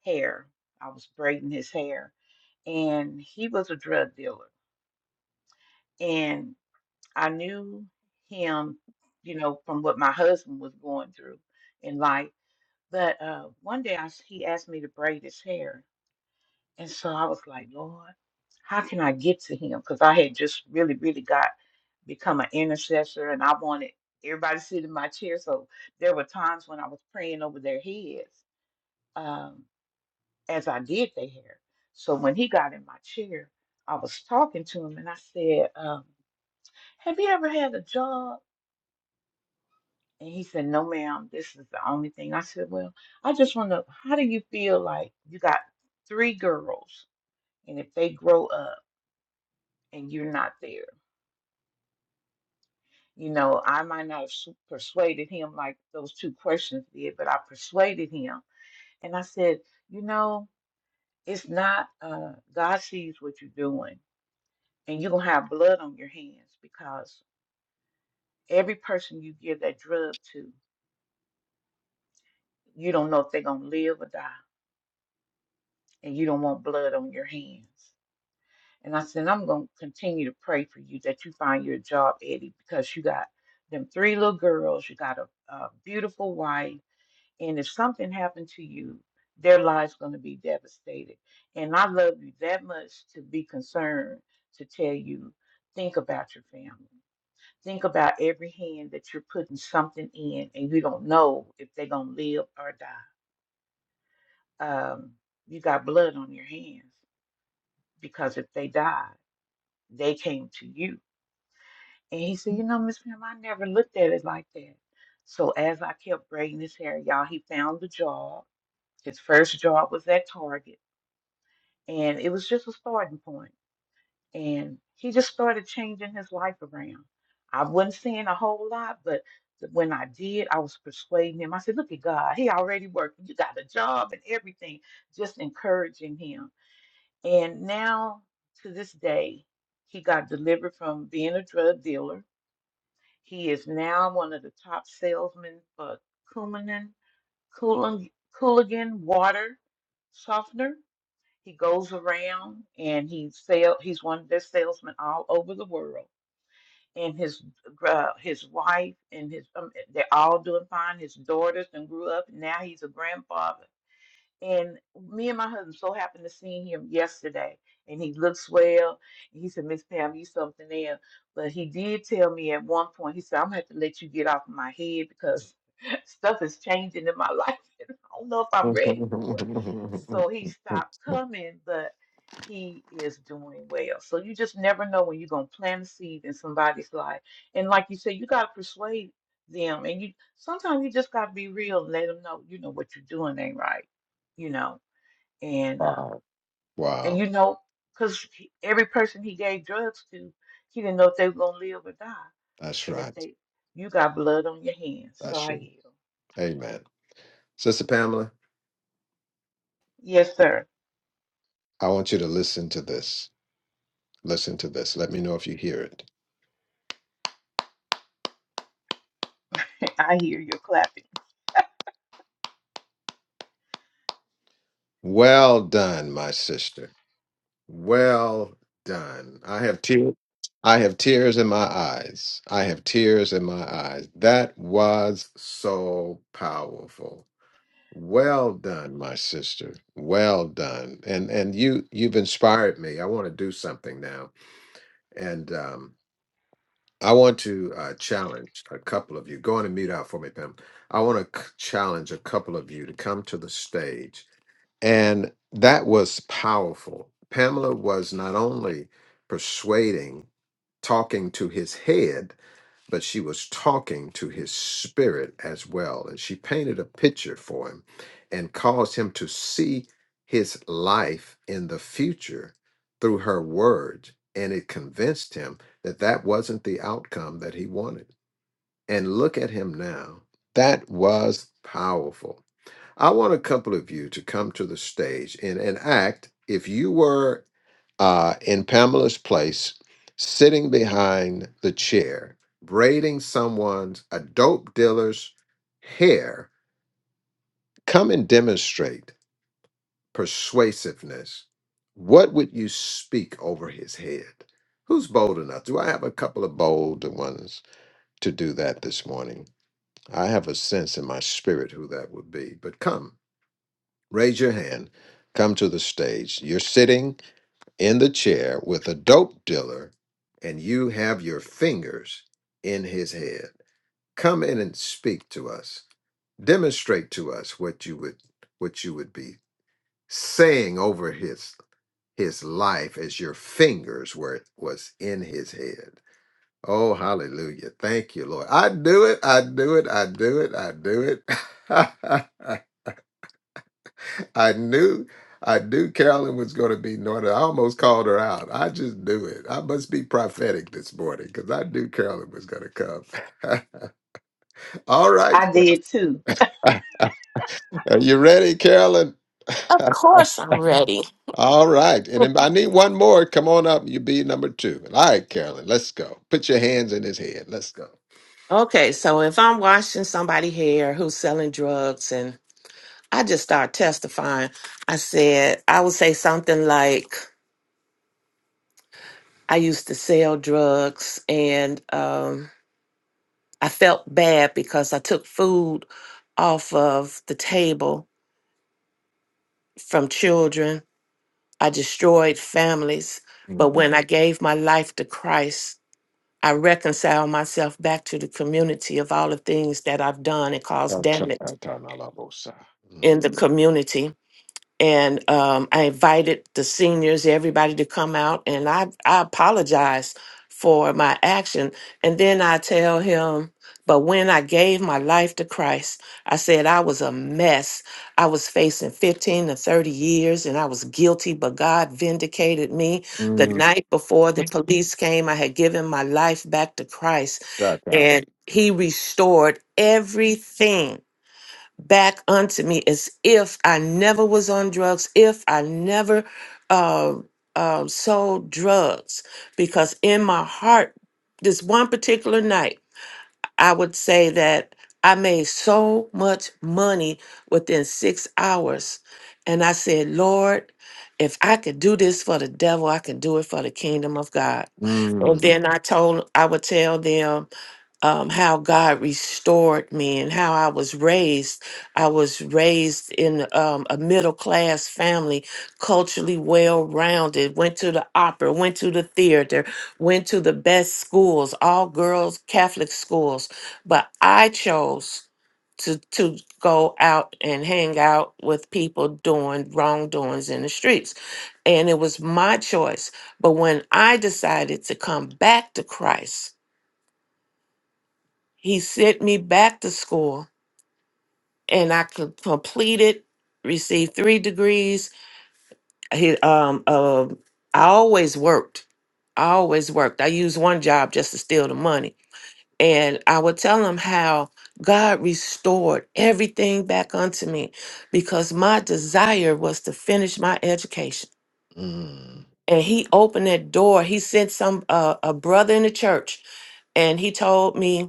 [SPEAKER 5] hair. I was braiding his hair, and he was a drug dealer, and I knew him, you know, from what my husband was going through in life. But uh, one day I, s- he asked me to braid his hair. And so I was like, Lord, how can I get to him? Because I had just really, really got become an intercessor and I wanted everybody to sit in my chair. So there were times when I was praying over their heads um, as I did their hair. So when he got in my chair, I was talking to him and I said, um, Have you ever had a job? And he said, No, ma'am, this is the only thing. I said, Well, I just want to, how do you feel like you got three girls, and if they grow up and you're not there? You know, I might not have s- persuaded him like those two questions did, but I persuaded him. And I said, You know, it's not, uh, God sees what you're doing, and you're going to have blood on your hands because every person you give that drug to, you don't know if they're going to live or die, and you don't want blood on your hands. And I said, I'm going to continue to pray for you that you find your job, Eddie, because you got them three little girls, you got a, a beautiful wife, and if something happened to you, their lives going to be devastated. And I love you that much to be concerned to tell you, think about your family. Think about every hand that you're putting something in, and you don't know if they're going to live or die. Um, you got blood on your hands because if they die, they came to you And he said, You know, Miss Pam, I never looked at it like that. So as I kept braiding his hair, y'all, he found the job. His first job was at Target. And it was just a starting point. And he just started changing his life around. I wasn't saying a whole lot, but th- when I did, I was persuading him. I said, Look at God, he already working. You got a job and everything, just encouraging him. And now to this day, he got delivered from being a drug dealer he is now one of the top salesmen for Coumadin, Coolan, Cooligan Water Softener. He goes around and he sell. He's one of their salesmen all over the world. And his uh, his wife and his um, they're all doing fine. His daughters and grew up. And now he's a grandfather and me and my husband so happened to see him yesterday, and he looks well. And he said, Miss Pam, you something else. But he did tell me at one point, he said, I'm gonna have to let you get off of my head because stuff is changing in my life. I don't know if I'm ready for it. So he stopped coming, but he is doing well. So you just never know when you're gonna plant a seed in somebody's life. And like you said, you gotta persuade them. And you sometimes you just gotta be real and let them know, you know, what you're doing ain't right, you know. And uh,
[SPEAKER 3] Wow.
[SPEAKER 5] and
[SPEAKER 3] Wow.
[SPEAKER 5] you know, because every person he gave drugs to, he didn't know if they were gonna live or die.
[SPEAKER 3] That's
[SPEAKER 5] And if
[SPEAKER 3] right.
[SPEAKER 5] they, you got blood on your hands. So
[SPEAKER 3] That's
[SPEAKER 5] I
[SPEAKER 3] right.
[SPEAKER 5] yield.
[SPEAKER 3] Amen. Sister Pamela,
[SPEAKER 5] Yes, sir.
[SPEAKER 3] I want you to listen to this. Listen to this. Let me know if you hear it.
[SPEAKER 5] I hear you clapping.
[SPEAKER 3] Well done, my sister. Well done. I have tears. I have tears in my eyes. I have tears in my eyes. That was so powerful. Well done, my sister. Well done. And and you you've inspired me. I want to do something now. And um I want to uh, challenge a couple of you. Go on and mute out for me, Pam. I want to challenge a couple of you to come to the stage and that was powerful. Pamela was not only persuading, talking to his head, but she was talking to his spirit as well. And she painted a picture for him and caused him to see his life in the future through her words. And it convinced him that that wasn't the outcome that he wanted. And look at him now. That was powerful. I want a couple of you to come to the stage and enact if you were uh, in Pamela's place, sitting behind the chair, braiding someone's, a dope dealer's hair, come and demonstrate persuasiveness. What would you speak over his head? Who's bold enough? Do I have a couple of bold ones to do that this morning? I have a sense in my spirit who that would be, but come. raise your hand, come to the stage. You're sitting in the chair with a dope dealer and you have your fingers in his head. Come in and speak to us. Demonstrate to us what you would what you would be saying over his his life as your fingers were was in his head. Oh hallelujah. Thank you, Lord. I do it, I do it, I do it, I do it. I knew I knew Carolyn was going to be anointed. I almost called her out. I just knew it. I must be prophetic this morning because I knew Carolyn was going to come. All right.
[SPEAKER 5] I did too.
[SPEAKER 3] Carolyn. Are you ready, Carolyn?
[SPEAKER 6] Of course I'm ready.
[SPEAKER 3] All right. And if I need one more, come on up. You be number two. All right, Carolyn, let's go. Put your hands in his head. Let's go.
[SPEAKER 6] Okay, so if I'm watching somebody here who's selling drugs and I just start testifying, I said, I would say something like, I used to sell drugs and um, I felt bad because I took food off of the table from children. I destroyed families. But
[SPEAKER 3] Mm.
[SPEAKER 6] when I gave my life to Christ, I reconciled myself back to the community of all the things that I've done and caused
[SPEAKER 3] Achakatanabosa. Mm.
[SPEAKER 6] in the community. And um, I invited the seniors, everybody to come out. And I, I apologize for my action. And then I tell him, but when I gave my life to Christ, I said I was a mess. I was facing 15 to 30 years and I was guilty, but God vindicated me. The Yeah.
[SPEAKER 3] Mm.
[SPEAKER 6] night before the police came, I had given my life back to Christ
[SPEAKER 3] Chaka.
[SPEAKER 6] and he restored everything back unto me as if I never was on drugs, if I never um, um, sold drugs. Because in my heart, this one particular night, I would say that I made so much money within six hours. And I said, Lord, if I could do this for the devil, I can do it for the kingdom of God. And
[SPEAKER 3] Mm,
[SPEAKER 6] then I told, I would tell them, um, how God restored me and how I was raised. I was raised in um, a middle class family, culturally well rounded, went to the opera, went to the theater, went to the best schools, all girls Catholic schools. But I chose to, to go out and hang out with people doing wrongdoings in the streets. And it was my choice. But when I decided to come back to Christ, he sent me back to school and I co- completed, received three degrees. He, um, uh, I always worked. I always worked. I used one job just to steal the money. And I would tell him how God restored everything back unto me because my desire was to finish my education.
[SPEAKER 3] mm,
[SPEAKER 6] And he opened that door. He sent some uh, a brother in the church and he told me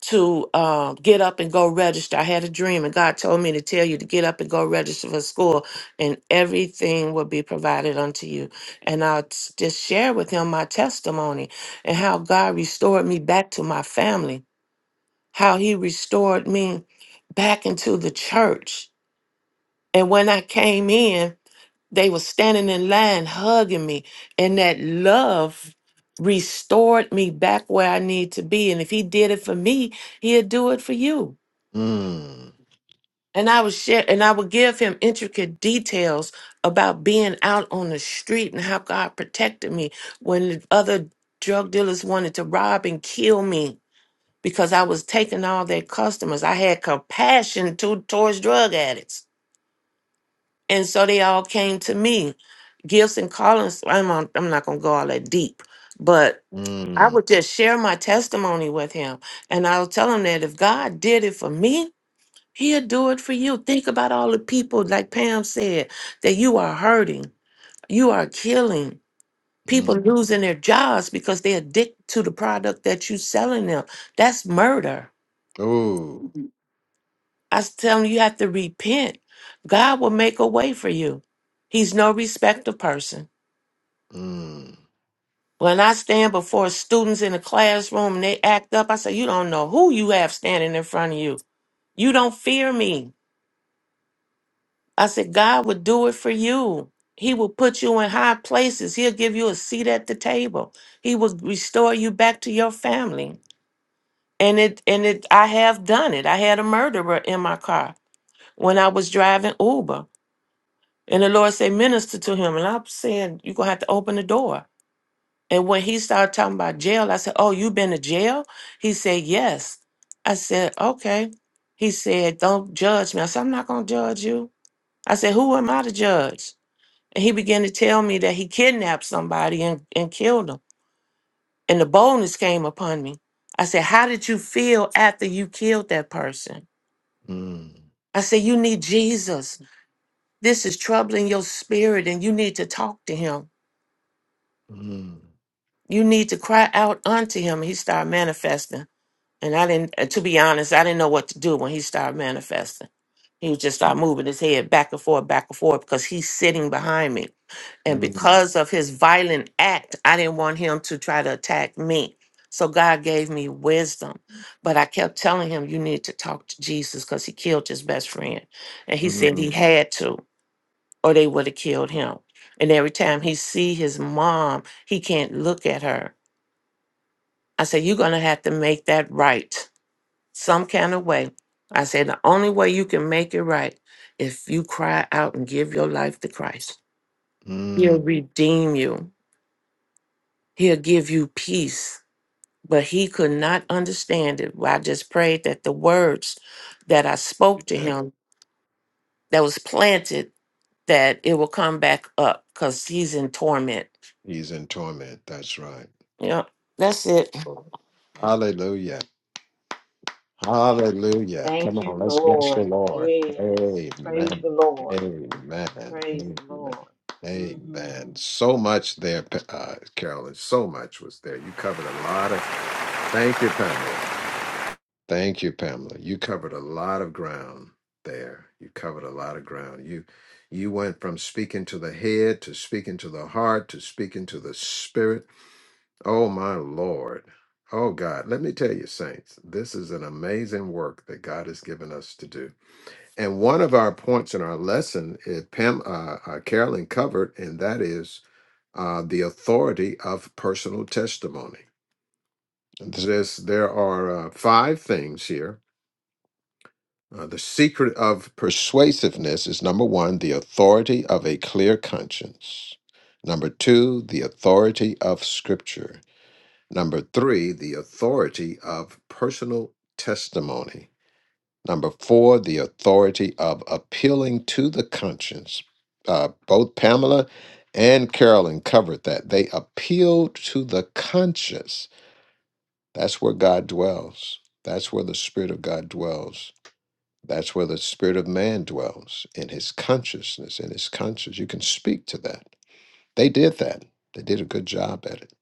[SPEAKER 6] to um, get up and go register. I had a dream, and God told me to tell you to get up and go register for school, and everything will be provided unto you. And I just share with him my testimony and how God restored me back to my family, how he restored me back into the church. And when I came in, they were standing in line hugging me, and that love restored me back where I need to be. And if he did it for me, he'll do it for you.
[SPEAKER 3] mm,
[SPEAKER 6] And I would share, and I would give him intricate details about being out on the street and how God protected me when the other drug dealers wanted to rob and kill me because I was taking all their customers. I had compassion to, towards drug addicts. And so they all came to me. Gifts and callings, I'm, on, I'm not going to go all that deep, but I
[SPEAKER 3] mm,
[SPEAKER 6] would just share my testimony with him. And I'll tell him that if God did it for me, He'll do it for you. Think about all the people, like Pam said, that you are hurting, you are killing. People
[SPEAKER 3] mm.
[SPEAKER 6] losing their jobs because they are addicted to the product that you are selling them. That's murder.
[SPEAKER 3] Oh.
[SPEAKER 6] I was telling you, you have to repent. God will make a way for you. He's no respecter of person.
[SPEAKER 3] Mm.
[SPEAKER 6] When I stand before students in a classroom and they act up, I say, You don't know who you have standing in front of you. You don't fear me. I said, God will do it for you. He will put you in high places. He'll give you a seat at the table. He will restore you back to your family. And it and it I have done it. I had a murderer in my car when I was driving Uber. And the Lord said, minister to him. And I'm saying, you're gonna have to open the door. And when he started talking about jail, I said, Oh, you been to jail? He said, Yes. I said, Okay. He said, Don't judge me. I said, I'm not gonna judge you. I said, Who am I to judge? And he began to tell me that he kidnapped somebody and, and killed them. And the boldness came upon me. I said, How did you feel after you killed that person?
[SPEAKER 3] Mm.
[SPEAKER 6] I said, You need Jesus. This is troubling your spirit, and you need to talk to him.
[SPEAKER 3] Mm.
[SPEAKER 6] You need to cry out unto him. He started manifesting. And I didn't, uh, to be honest, I didn't know what to do when he started manifesting. He would just start moving his head back and forth, back and forth, because he's sitting behind me. And
[SPEAKER 3] Mm.
[SPEAKER 6] because of his violent act, I didn't want him to try to attack me. So God gave me wisdom. But I kept telling him, you need to talk to Jesus because he killed his best friend. And he said he
[SPEAKER 3] Mm.
[SPEAKER 6] had to, or they would have killed him. And every time he see his mom, he can't look at her. I said, you're going to have to make that right some kind of way. I said, the only way you can make it right if you cry out and give your life to Christ. He'll
[SPEAKER 3] Mm.
[SPEAKER 6] redeem you. He'll give you peace. But he could not understand it. Well, I just prayed that the words that I spoke to
[SPEAKER 3] Yeah.
[SPEAKER 6] him that was planted, that it will come back up because he's in torment.
[SPEAKER 3] He's in torment. That's right.
[SPEAKER 6] Yeah, that's it.
[SPEAKER 3] Oh, Hallelujah. Hallelujah.
[SPEAKER 5] Thank
[SPEAKER 3] Come on,
[SPEAKER 5] you,
[SPEAKER 3] let's bless the
[SPEAKER 5] Lord.
[SPEAKER 3] Lord.
[SPEAKER 5] Yes. Praise
[SPEAKER 3] Amen.
[SPEAKER 5] the Lord.
[SPEAKER 3] Amen.
[SPEAKER 5] Praise
[SPEAKER 3] Amen.
[SPEAKER 5] the Lord. hmm
[SPEAKER 3] Amen. So much there, Pa- uh, Carolyn. So much was there. You covered a lot of. Thank you, Pamela. Thank you, Pamela. You covered a lot of ground there. You covered a lot of ground. You you went from speaking to the head to speaking to the heart to speaking to the spirit. Oh my Lord. Oh God, let me tell you, saints, this is an amazing work that God has given us to do. And one of our points in our lesson, is Pam, uh, uh, Carolyn covered, and that is uh, the authority of personal testimony. There's, there are uh, five things here Uh, the secret of persuasiveness is number one, the authority of a clear conscience. Number two, the authority of scripture. Number three, the authority of personal testimony. Number four, the authority of appealing to the conscience. Uh, both Pamela and Carolyn covered that. They appealed to the conscience. That's where God dwells, that's where the Spirit of God dwells that's where the spirit of man dwells in his consciousness, in his conscience. You can speak to that. They did that, they did a good job at it.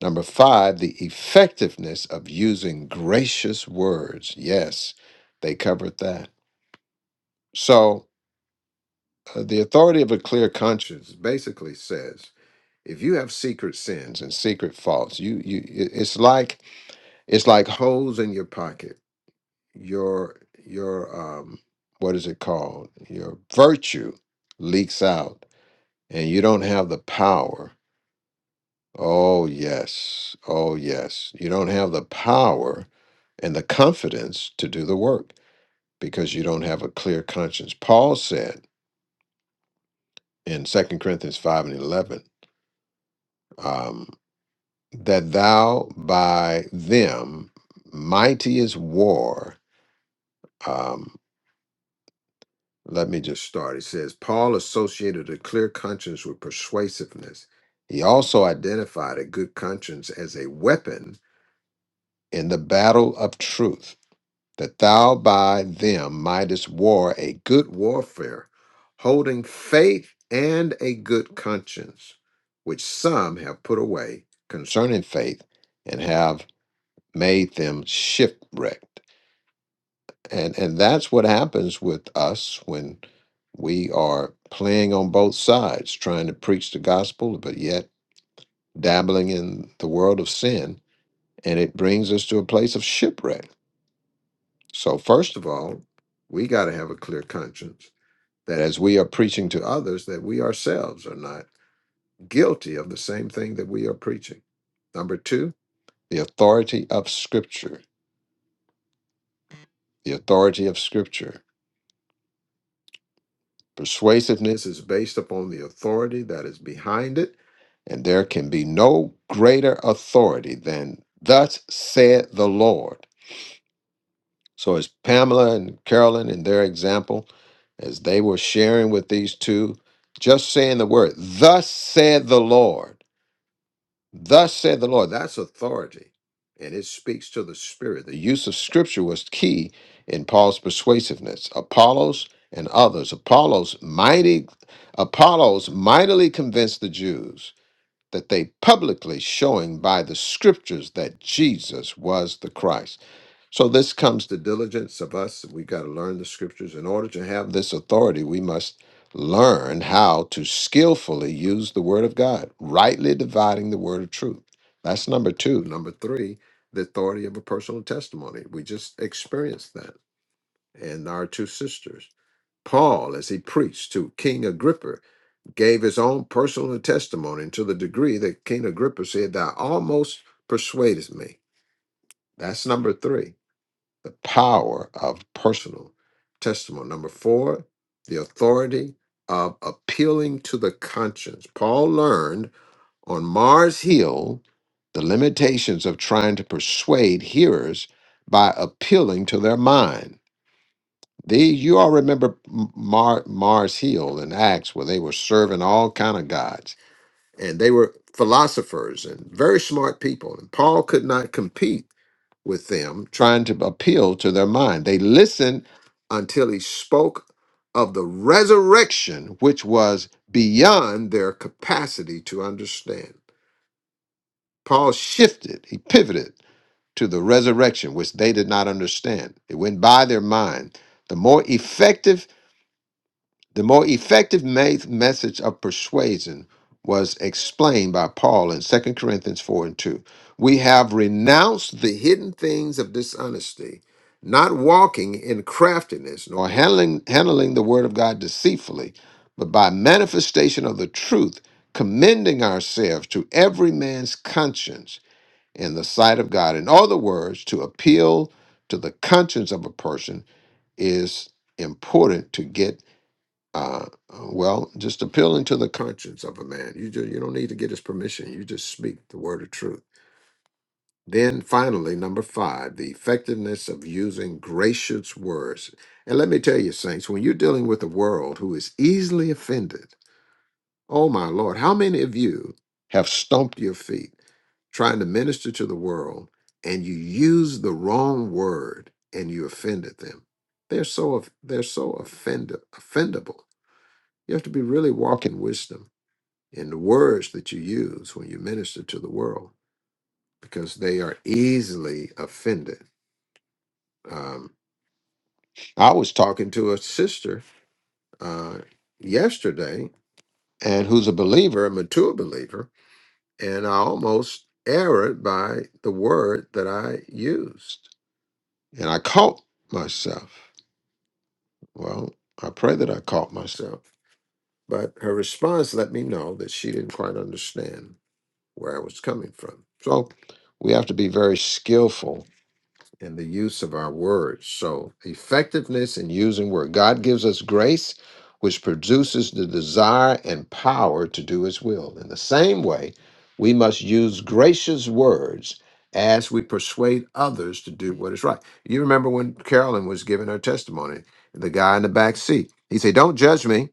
[SPEAKER 3] Number five, the effectiveness of using gracious words. Yes, they covered that. So, uh, the authority of a clear conscience basically says if you have secret sins and secret faults, you, you it- it's like it's like holes in your pocket your your um what is it called your virtue leaks out and you don't have the power oh yes oh yes you don't have the power and the confidence to do the work because you don't have a clear conscience paul said in Second corinthians 5 and 11 um, that thou by them mighty is war um, Let me just start. It says Paul associated a clear conscience with persuasiveness. He also identified a good conscience as a weapon in the battle of truth, that thou by them mightest war a good warfare, holding faith and a good conscience, which some have put away concerning faith and have made them shipwrecked. And and that's what happens with us when we are playing on both sides, trying to preach the gospel, but yet dabbling in the world of sin, and it brings us to a place of shipwreck. So first of all, we got to have a clear conscience that as we are preaching to others, that we ourselves are not guilty of the same thing that we are preaching. Number two, the authority of Scripture. The authority of Scripture. Persuasiveness is based upon the authority that is behind it, and there can be no greater authority than thus said the Lord. So, as Pamela and Carolyn, in their example, as they were sharing with these two, just saying the word, thus said the Lord Thus said the Lord. That's authority. And it speaks to the Spirit. The use of Scripture was key in Paul's persuasiveness. Apollos and others. Apollos mighty Apollos mightily convinced the Jews that they publicly showing by the scriptures that Jesus was the Christ. So this comes to diligence of us. We got to learn the scriptures. In order to have this authority, we must learn how to skillfully use the word of God, rightly dividing the word of truth. That's number two. Number three, the authority of a personal testimony. We just experienced that in our two sisters. Paul, as he preached to King Agrippa, gave his own personal testimony to the degree that King Agrippa said, Thou almost persuaded me. That's number three the power of personal testimony. Number four, the authority of appealing to the conscience. Paul learned on Mars Hill the limitations of trying to persuade hearers by appealing to their mind. The, you all remember M- Mar, Mars Hill in Acts, where they were serving all kind of gods, and they were philosophers and very smart people. And Paul could not compete with them, trying to appeal to their mind. They listened until he spoke of the resurrection, which was beyond their capacity to understand. Paul shifted, he pivoted to the resurrection, which they did not understand. It went by their mind. The more effective the more effective ma- message of persuasion was explained by Paul in Second Corinthians 4 and 2. We have renounced the hidden things of dishonesty, not walking in craftiness, nor handling, handling the word of God deceitfully, but by manifestation of the truth, commending ourselves to every man's conscience in the sight of God. In other words, to appeal to the conscience of a person is important to get uh, uh, well, just appealing to the conscience of a man. You just, you don't need to get his permission. You just speak the word of truth. Then finally, number five, the effectiveness of using gracious words. And let me tell you, saints, when you're dealing with a world who is easily offended, oh my Lord, how many of you have stomped your feet trying to minister to the world and you use the wrong word and you offended them? They're so they're so offended offendable. You have to be really walking wisdom in the words that you use when you minister to the world because they are easily offended. Um, I was talking to a sister uh, yesterday and who's a believer, a mature believer, and I almost erred by the word that I used. And I caught myself. Well, I pray that I caught myself. But her response let me know that she didn't quite understand where I was coming from. So we have to be very skillful in the use of our words. So, effectiveness in using word. God gives us grace, which produces the desire and power to do His will. In the same way, we must use gracious words as we persuade others to do what is right. You remember when Carolyn was giving her testimony, the guy in the back seat, he said, Don't judge me.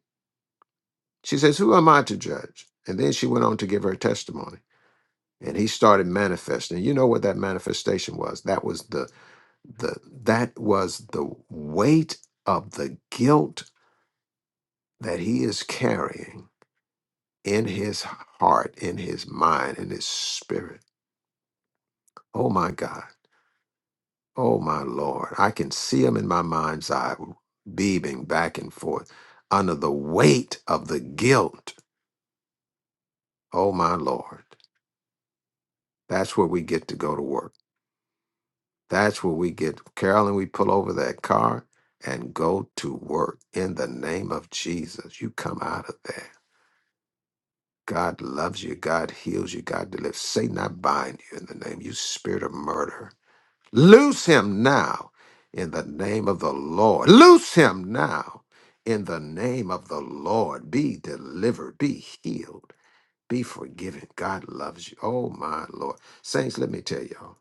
[SPEAKER 3] She says, Who am I to judge? And then she went on to give her testimony. And he started manifesting. You know what that manifestation was? That was the the that was the weight of the guilt that he is carrying in his heart in his mind in his spirit oh my god oh my lord i can see him in my mind's eye beaming back and forth under the weight of the guilt oh my lord that's where we get to go to work that's where we get carolyn we pull over that car and go to work in the name of jesus you come out of there God loves you. God heals you. God delivers. Satan, I bind you in the name, you spirit of murder. Loose him now in the name of the Lord. Loose him now in the name of the Lord. Be delivered. Be healed. Be forgiven. God loves you. Oh, my Lord. Saints, let me tell y'all,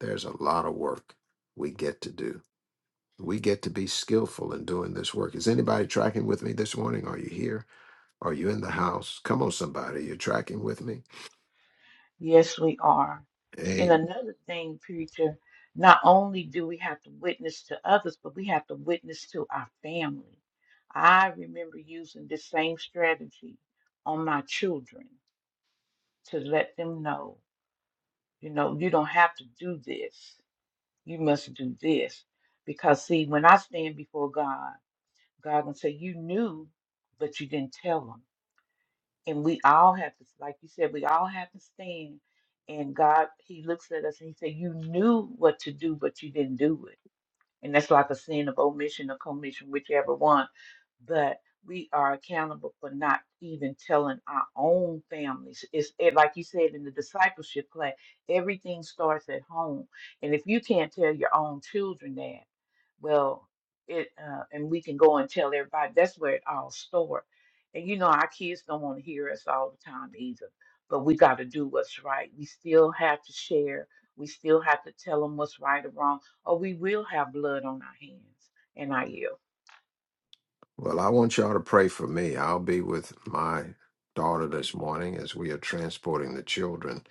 [SPEAKER 3] there's a lot of work we get to do. We get to be skillful in doing this work. Is anybody tracking with me this morning? Are you here? Are you in the house? Come on, somebody. You're tracking with me?
[SPEAKER 5] Yes, we are. And
[SPEAKER 3] Hey,
[SPEAKER 5] another thing, preacher, not only do we have to witness to others, but we have to witness to our family. I remember using this same strategy on my children to let them know, you know, you don't have to do this. You must do this. Because, see, when I stand before God, God gonna say you knew, but you didn't tell them. And we all have to, like you said, we all have to stand. And God, He looks at us and He said, "You knew what to do, but you didn't do it." and that's like a sin of omission or commission, whichever one. But we are accountable for not even telling our own families. It's it, like you said in the discipleship class, everything starts at home, and if you can't tell your own children that, well, it uh, and we can go and tell everybody. That's where it all starts. And you know, our kids don't want to hear us all the time either. But we got to do what's right. We still have to share. We still have to tell them what's right or wrong or we will have blood on our hands and our ear.
[SPEAKER 3] well, I want y'all to pray for me. I'll be with my daughter this morning as we are transporting the children,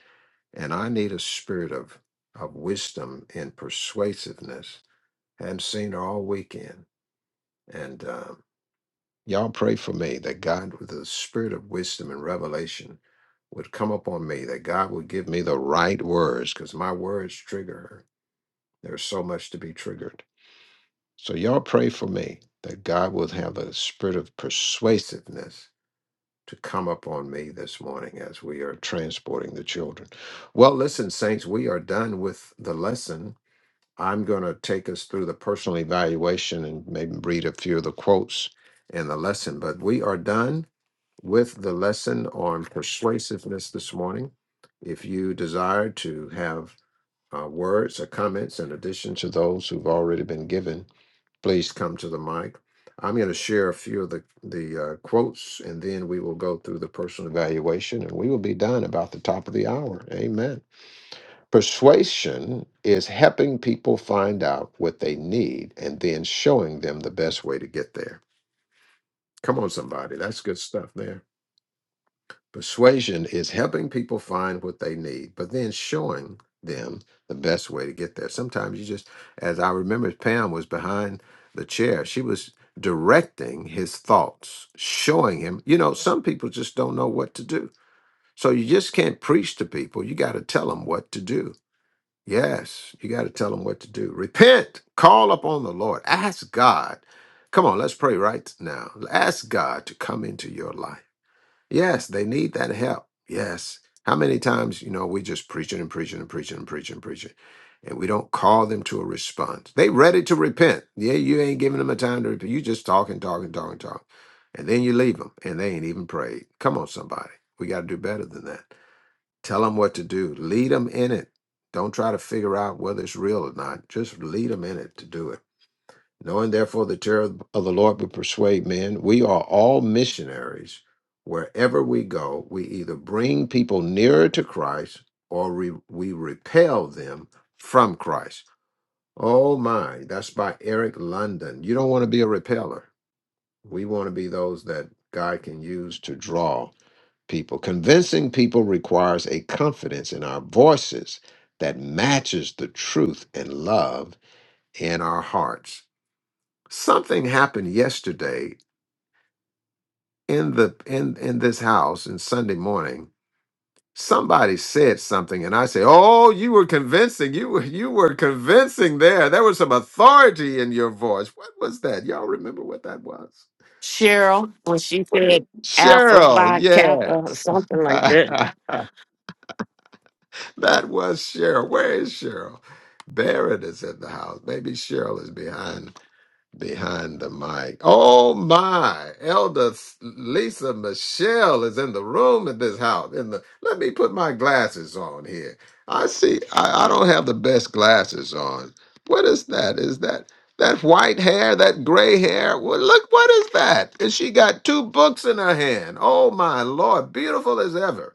[SPEAKER 3] and I need a spirit of of wisdom and persuasiveness. Hadn't seen her all weekend, and um, y'all pray for me that God, with the spirit of wisdom and revelation, would come upon me. That God would give me the right words, because my words trigger her. There's so much to be triggered. So y'all pray for me that God will have a spirit of persuasiveness to come upon me this morning as we are transporting the children. Well, listen, Saints, we are done with the lesson. I'm going to take us through the personal evaluation and maybe read a few of the quotes in the lesson, but we are done with the lesson on persuasiveness this morning. If you desire to have uh, words or comments in addition to those who've already been given, please come to the mic. I'm going to share a few of the the uh, quotes, and then we will go through the personal evaluation, and we will be done about the top of the hour. Amen. Persuasion is helping people find out what they need and then showing them the best way to get there. Come on, somebody, that's good stuff there. Persuasion is helping people find what they need, but then showing them the best way to get there. Sometimes you just, as I remember, Pam was behind the chair. She was directing his thoughts, showing him, you know, some people just don't know what to do. So you just can't preach to people. You got to tell them what to do. Yes, you got to tell them what to do. Repent, call upon the Lord, ask God. Come on, let's pray right now. Ask God to come into your life Yes, they need that help. Yes. How many times, you know, we just preaching and preaching and preaching and preaching and preaching, and we don't call them to a response. They ready to repent. Yeah, you ain't giving them a time to repent. You just talking, talking, talking, talking. And then you leave them and they ain't even prayed. Come on, somebody. We got to do better than that. Tell them what to do. Lead them in it. Don't try to figure out whether it's real or not. Just lead them in it to do it. Knowing therefore the terror of the Lord will persuade men, we are all missionaries. Wherever we go, we either bring people nearer to Christ or we, we repel them from Christ. Oh my, that's by Eric London. You don't want to be a repeller. We want to be those that God can use to draw people. Convincing people requires a confidence in our voices that matches the truth and love in our hearts something happened yesterday in the in in this house in Sunday morning. Somebody said something, and I say, "Oh, you were convincing. You were you were convincing there. There was some authority in your voice. What was that? Y'all remember what that was?"
[SPEAKER 6] Cheryl, when she said Alpha
[SPEAKER 3] Cheryl,
[SPEAKER 6] by Kappa or
[SPEAKER 3] yes,
[SPEAKER 6] something like that.
[SPEAKER 3] that was Cheryl. Where is Cheryl? There it is in the house. Maybe Cheryl is behind behind the mic. Oh my, Elder S- Lisa Michelle is in the room in this house. In the let me put my glasses on here. I see. I, I don't have the best glasses on. What is that? Is that that white hair? That gray hair? Well, look, what is that? And she got two books in her hand. Oh my Lord, beautiful as ever.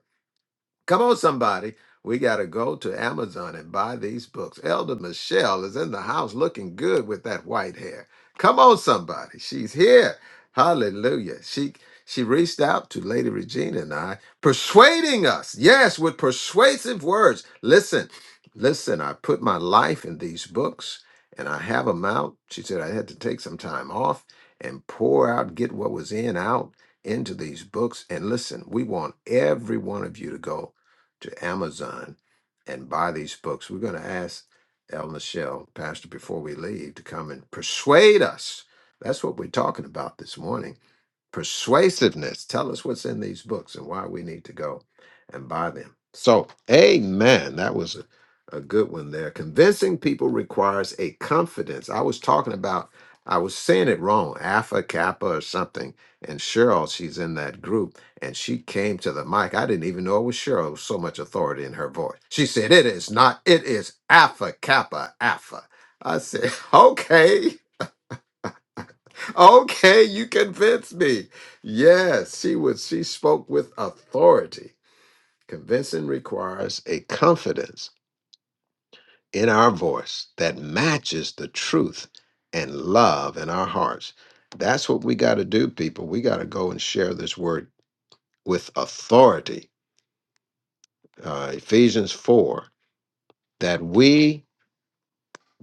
[SPEAKER 3] Come on, somebody. We got to go to Amazon and buy these books. Elder Michelle is in the house looking good with that white hair. Come on, somebody. She's here. Hallelujah. She she reached out to Lady Regina and I, persuading us. Yes, with persuasive words. Listen, listen, I put my life in these books and I have them out. She said I had to take some time off and pour out, get what was in out into these books. And listen, we want every one of you to go to Amazon and buy these books. We're going to ask El Michelle, Pastor, before we leave, to come and persuade us. That's what we're talking about this morning Persuasiveness. Tell us what's in these books and why we need to go and buy them. So, amen. That was a, a good one there. Convincing people requires a confidence. I was talking about, I was saying it wrong, Alpha Kappa or something. And Cheryl, she's in that group, and she came to the mic. I didn't even know it was Cheryl. It was so much authority in her voice. She said, It is not, it is Alpha Kappa Alpha. I said, okay. Okay, you convinced me. Yes, she was she spoke with authority. Convincing requires a confidence in our voice that matches the truth and love in our hearts. That's what we got to do, people. We got to go and share this word with authority. Uh, Ephesians 4 that we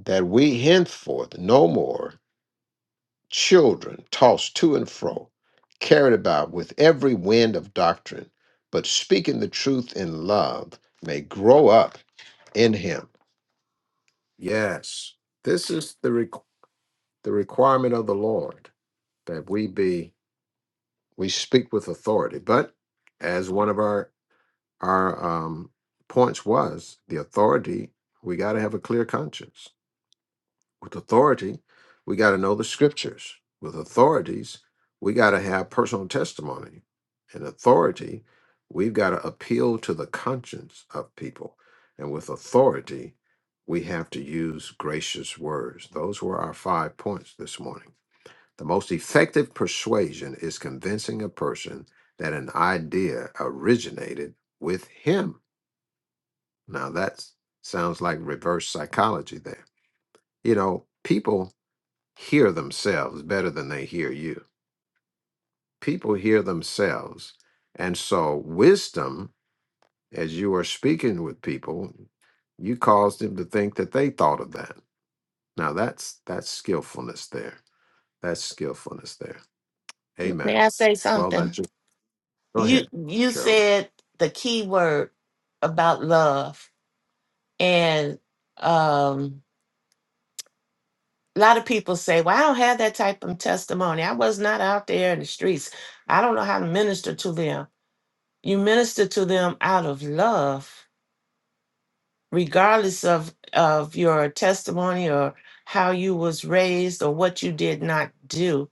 [SPEAKER 3] that we henceforth no more children tossed to and fro, carried about with every wind of doctrine, but speaking the truth in love may grow up in him. Yes. This is the, requ- the requirement of the Lord that we be, we speak with authority. But as one of our, our um, points was, the authority, we got to have a clear conscience. With authority, we got to know the scriptures. With authorities, we got to have personal testimony. And authority, we've got to appeal to the conscience of people. And with authority, we have to use gracious words. Those were our five points this morning. The most effective persuasion is convincing a person that an idea originated with him. Now, that sounds like reverse psychology there. You know, people hear themselves better than they hear you. People hear themselves. And so, wisdom, as you are speaking with people, you caused them to think that they thought of that. Now, that's that's skillfulness there. That's skillfulness there.
[SPEAKER 6] May
[SPEAKER 3] Amen.
[SPEAKER 6] I say
[SPEAKER 3] Well,
[SPEAKER 6] something?
[SPEAKER 3] that's just go
[SPEAKER 6] you
[SPEAKER 3] ahead,
[SPEAKER 6] you
[SPEAKER 3] Carol.
[SPEAKER 6] said the key word about love and um a lot of people say well i don't have that type of testimony i was not out there in the streets i don't know how to minister to them you minister to them out of love regardless of of your testimony or how you was raised or what you did not do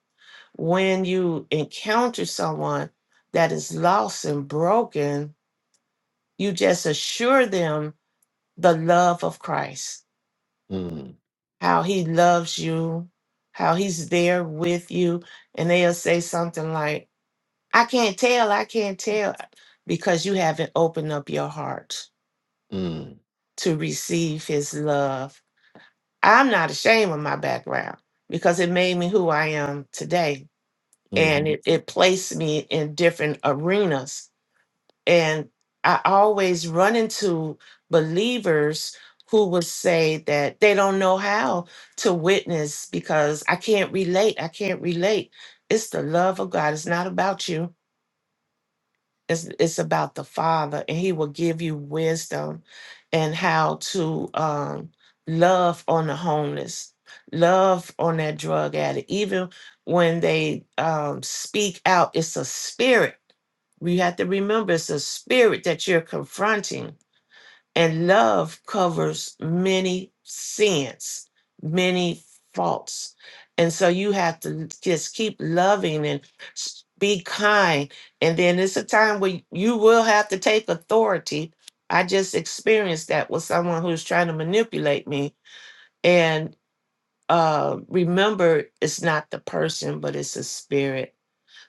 [SPEAKER 6] when you encounter someone that is lost and broken you just assure them the love of Christ,
[SPEAKER 3] Mm,
[SPEAKER 6] how he loves you, how he's there with you. And they'll say something like, I can't tell, I can't tell, because you haven't opened up your heart
[SPEAKER 3] mm,
[SPEAKER 6] to receive his love. I'm not ashamed of my background because it made me who I am today. And
[SPEAKER 3] mhm,
[SPEAKER 6] it, it placed me in different arenas And I always run into believers who would say that they don't know how to witness because I can't relate. I can't relate. It's the love of God. It's not about you. It's, it's about the Father, and He will give you wisdom and how to um, love on the homeless, love on that drug addict. Even when they um, speak out, it's a spirit. We have to remember it's a spirit that you're confronting and love covers many sins, many faults. And so you have to just keep loving and s- be kind. And then it's a time where you will have to take authority. I just experienced that with someone who's trying to manipulate me. And uh, remember, it's not the person, but it's a spirit.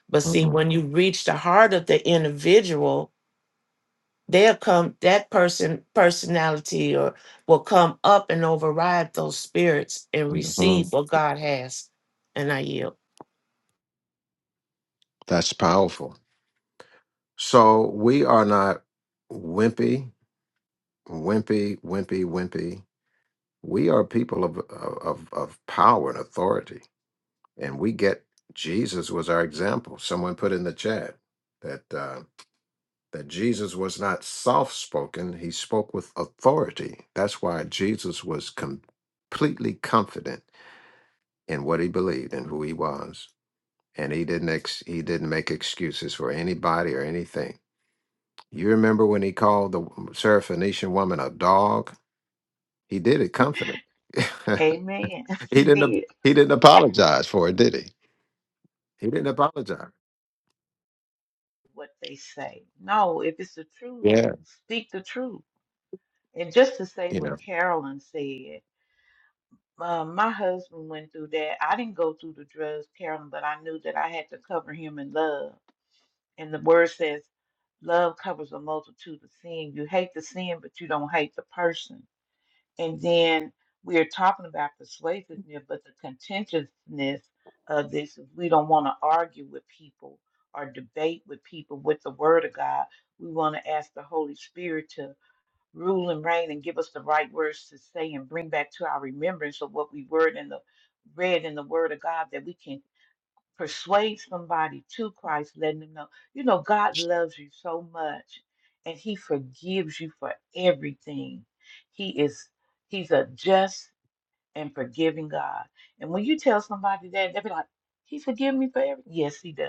[SPEAKER 6] But see,
[SPEAKER 3] mhm,
[SPEAKER 6] when you reach the heart of the individual, they'll come that person personality or will come up and override those spirits and receive
[SPEAKER 3] mhm.
[SPEAKER 6] what god has and i yield
[SPEAKER 3] That's powerful. So, we are not wimpy, wimpy, wimpy, wimpy. we are people of of of power and authority, and we get Jesus was our example. Someone put in the chat that uh, that Jesus was not soft spoken; he spoke with authority. That's why Jesus was completely confident in what he believed and who he was, and he didn't ex- he didn't make excuses for anybody or anything. You remember when he called the Syrophoenician woman a dog? He did it confident.
[SPEAKER 5] Amen.
[SPEAKER 3] He
[SPEAKER 5] he
[SPEAKER 3] didn't.
[SPEAKER 5] did
[SPEAKER 3] He didn't apologize for it, did he? He didn't apologize.
[SPEAKER 5] what they say. No, if it's the truth,
[SPEAKER 3] Yeah,
[SPEAKER 5] speak the truth. And just to say
[SPEAKER 3] you
[SPEAKER 5] what
[SPEAKER 3] know.
[SPEAKER 5] Carolyn said, uh, my husband went through that. I didn't go through the drugs, Carolyn, but I knew that I had to cover him in love. And the word says, love covers a multitude of sin. You hate the sin, but you don't hate the person And then we are talking about persuasiveness, but the contentiousness of this is we don't want to argue with people or debate with people with the Word of God. We want to ask the Holy Spirit to rule and reign and give us the right words to say and bring back to our remembrance of what we word in the read in the Word of God that we can persuade somebody to Christ, letting them know, you know, God loves you so much and he forgives you for everything. He is he's a just and forgiving God. And when you tell somebody that, they'll be like, He forgive me for everything. Yes, he does.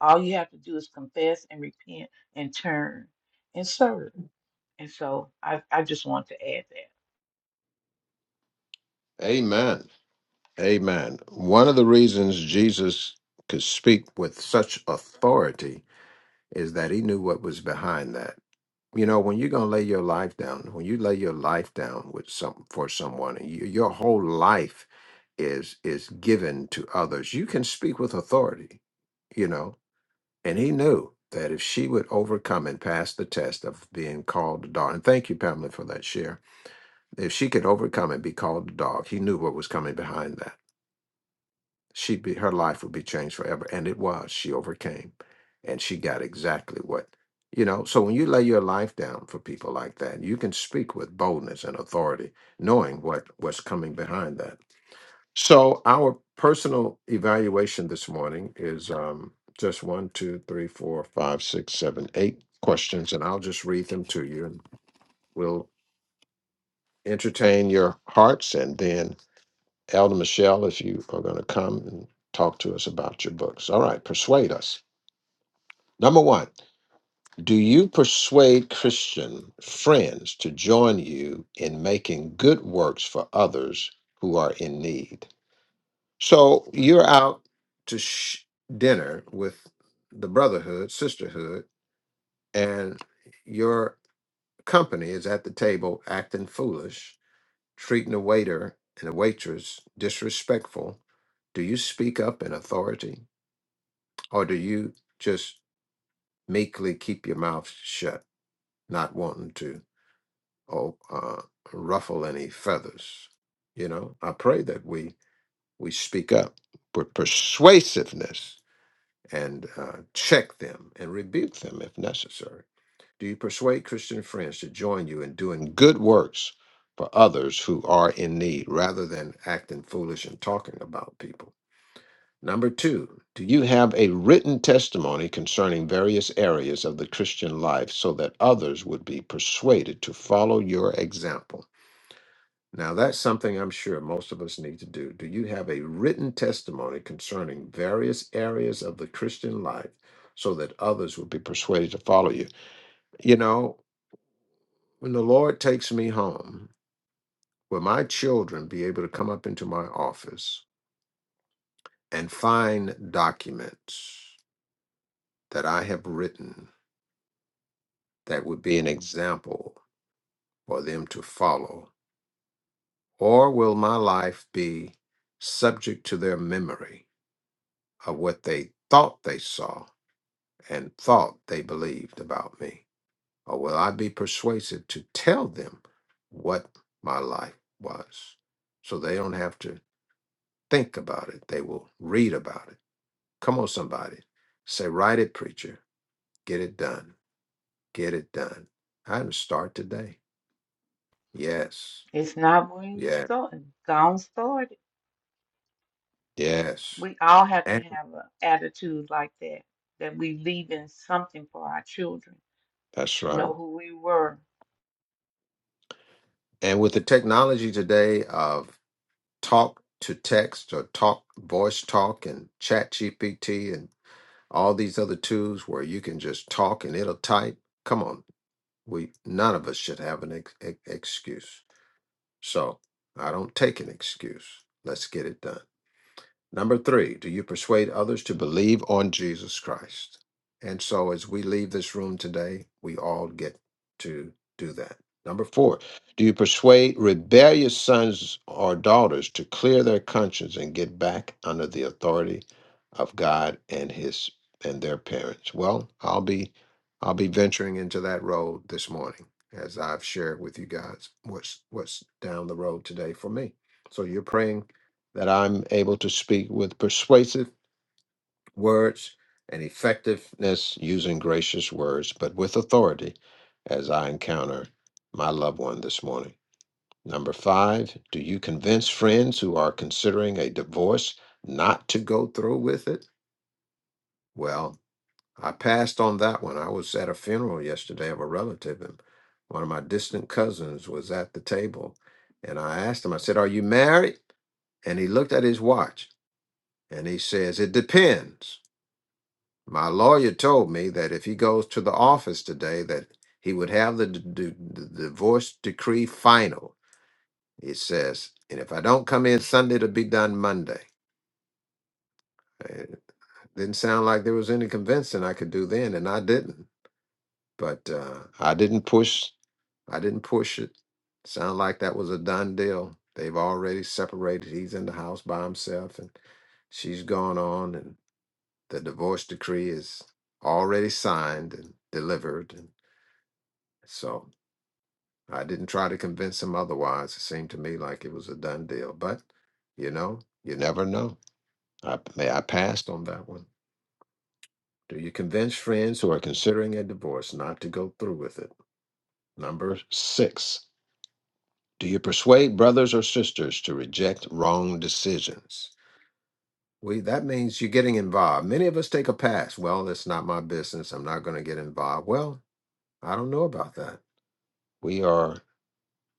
[SPEAKER 5] All you have to do is confess and repent and turn and serve. And so I, I just want to add that.
[SPEAKER 3] Amen. Amen. One of the reasons Jesus could speak with such authority is that he knew what was behind that. You know, when you're gonna lay your life down, when you lay your life down with some for someone, and you, your whole life is is given to others, you can speak with authority. You know, And he knew that if she would overcome and pass the test of being called a dog, and thank you, Pamela, for that share. If she could overcome and be called a dog, he knew what was coming behind that. She'd be her life would be changed forever. And it was. She overcame. And she got exactly what you know, so when you lay your life down for people like that, you can speak with boldness and authority, knowing what what's coming behind that. So our personal evaluation this morning is um, just one, two, three, four, five, six, seven, eight questions, and I'll just read them to you, and we'll entertain your hearts, and then Elder Michelle, if you are going to come and talk to us about your books. All right, persuade us. Number one, do you persuade Christian friends to join you in making good works for others who are in need? So you're out to sh- dinner with the brotherhood, sisterhood, and your company is at the table acting foolish, treating the waiter and the waitress disrespectful. Do you speak up in authority or do you just meekly keep your mouth shut, not wanting to oh, uh, ruffle any feathers? You know, I pray that we we speak up with persuasiveness and uh, check them and rebuke them if necessary? Do you persuade Christian friends to join you in doing good works for others who are in need rather than acting foolish and talking about people? Number two, do you have a written testimony concerning various areas of the Christian life so that others would be persuaded to follow your example? Now, that's something I'm sure most of us need to do. Do you have a written testimony concerning various areas of the Christian life so that others will be persuaded to follow you? You know, when the Lord takes me home, will my children be able to come up into my office and find documents that I have written that would be an example for them to follow? Or will my life be subject to their memory of what they thought they saw? and thought they believed about me? Or will I be persuasive to tell them what my life was? So they don't have to think about it. They will read about it. Come on, somebody. Say, write it, preacher. Get it done. Get it done. I did start today. Yes.
[SPEAKER 5] It's not when you
[SPEAKER 3] Yeah.
[SPEAKER 5] start, gone started.
[SPEAKER 3] Yes.
[SPEAKER 5] We all have to
[SPEAKER 3] And
[SPEAKER 5] have an attitude like that, that we leaving something for our children
[SPEAKER 3] that's
[SPEAKER 5] to
[SPEAKER 3] right.
[SPEAKER 5] know who we were.
[SPEAKER 3] And with the technology today of talk to text or talk voice talk and chat gpt All these other tools where you can just talk and it'll type. Come on, we none of us should have an ex- ex- excuse. So I don't take an excuse. Let's get it done. Number three, do you persuade others to believe on Jesus Christ? And so as we leave this room today, we all get to do that. Number four, do you persuade rebellious sons or daughters to clear their conscience and get back under the authority of God and his and their parents? Well, I'll be I'll be venturing into that road this morning as I've shared with you guys what's what's down the road today for me. So you're praying that I'm able to speak with persuasive words and effectiveness using gracious words, but with authority as I encounter my loved one this morning. Number five, do you convince friends who are considering a divorce not to go through with it? Well, I passed on that one. I was at a funeral yesterday of a relative, and one of my distant cousins was at the table. And I asked him, I said, Are you married? And he looked at his watch. And he says, It depends. My lawyer told me that if he goes to the office today, that he would have the, d- d- the divorce decree final. It says, and if I don't come in Sunday, it'll be done Monday. It didn't sound like there was any convincing I could do then, and I didn't. But uh, I didn't push. I didn't push it. Sound like that was a done deal. They've already separated. He's in the house by himself, and she's gone on. The divorce decree is already signed and delivered. And so I didn't try to convince him otherwise. It seemed to me like it was a done deal. But, you know, you never know. I, may I passed on that one. Do you convince friends who are considering a divorce not to go through with it? Number six. Do you persuade brothers or sisters to reject wrong decisions? We that means you're getting involved. Many of us take a pass. Well, it's not my business. I'm not going to get involved. Well, I don't know about that. We are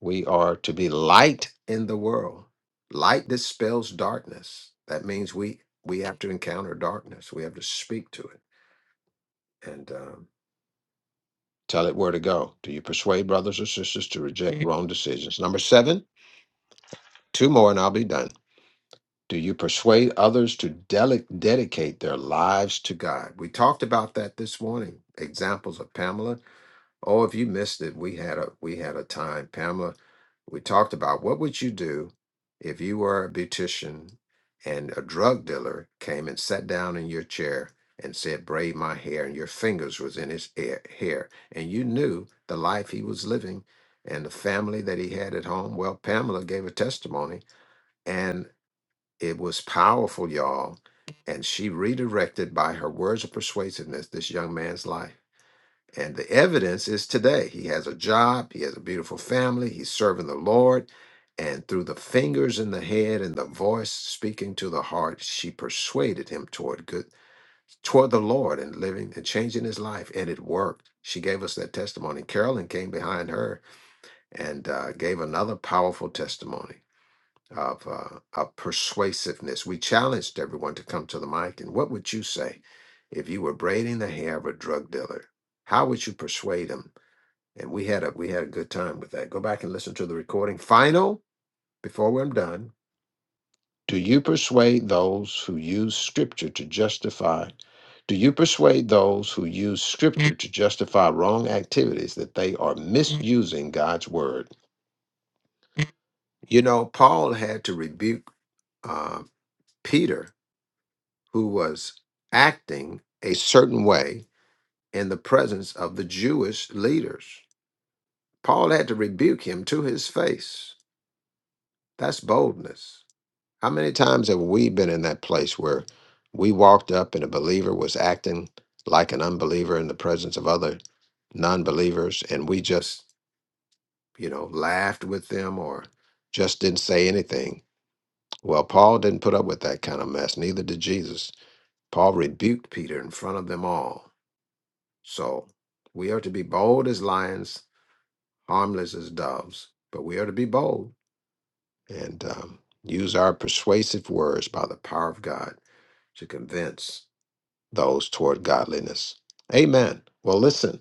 [SPEAKER 3] we are to be light in the world. Light dispels darkness. That means we we have to encounter darkness. We have to speak to it and um, tell it where to go. Do you persuade brothers or sisters to reject wrong decisions? Number seven, two more, and I'll be done. Do you persuade others to dele- dedicate their lives to God? We talked about that this morning. Examples of Pamela Oh, if you missed it, we had a we had a time. Pamela, we talked about what would you do if you were a beautician and a drug dealer came and sat down in your chair and said, braid my hair, and your fingers was in his hair, hair. And you knew the life he was living and the family that he had at home. Well, Pamela gave a testimony and it was powerful, y'all. And she redirected by her words of persuasiveness this young man's life. And the evidence is today. He has a job, he has a beautiful family, he's serving the Lord. And through the fingers in the head and the voice speaking to the heart, she persuaded him toward good, toward the Lord and living and changing his life. And it worked. She gave us that testimony. Carolyn came behind her and uh, gave another powerful testimony of, uh, of persuasiveness. We challenged everyone to come to the mic. And what would you say if you were braiding the hair of a drug dealer? How would you persuade him and we had a we had a good time with that. Go back and listen to the recording. Final, before I'm done, do you persuade those who use scripture to justify? Do you persuade those who use scripture to justify wrong activities that they are misusing God's word? You know, Paul had to rebuke uh, Peter, who was acting a certain way in the presence of the Jewish leaders. Paul had to rebuke him to his face. That's boldness. How many times have we been in that place where we walked up and a believer was acting like an unbeliever in the presence of other non believers and we just, you know, laughed with them or just didn't say anything? Well, Paul didn't put up with that kind of mess, neither did Jesus. Paul rebuked Peter in front of them all. So we are to be bold as lions, harmless as doves, but we are to be bold and um, use our persuasive words by the power of God to convince those toward godliness. Amen. Well, listen,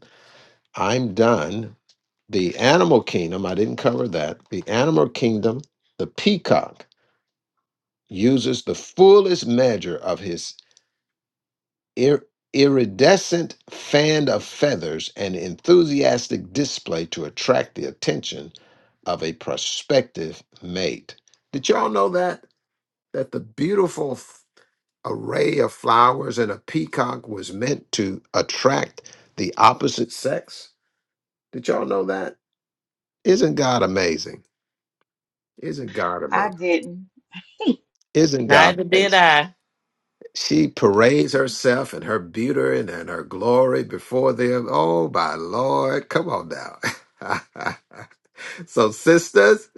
[SPEAKER 3] I'm done. The animal kingdom, I didn't cover that. The animal kingdom, the peacock, uses the fullest measure of his ir- iridescent fan of feathers and enthusiastic display to attract the attention of a prospective mate. Did y'all know that? That the beautiful array of flowers and a peacock was meant to attract the opposite sex. Did y'all know that? Isn't God amazing? Isn't God
[SPEAKER 5] I
[SPEAKER 3] amazing?
[SPEAKER 5] didn't.
[SPEAKER 3] Isn't God
[SPEAKER 6] neither did
[SPEAKER 3] amazing?
[SPEAKER 6] i
[SPEAKER 3] She parades herself and her beauty and, and her glory before them. Oh, my Lord. Come on now. so, sisters,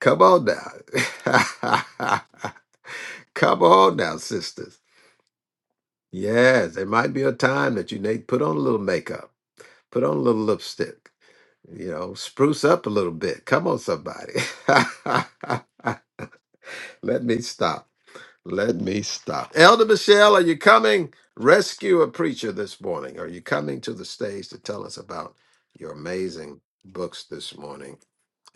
[SPEAKER 3] come on now. come on now, sisters. Yes, there might be a time that you need to put on a little makeup, put on a little lipstick you know, spruce up a little bit. Come on, somebody. Let me stop. Let me stop. Elder Michelle, are you coming? Rescue a preacher this morning. Are you coming to the stage to tell us about your amazing books this morning?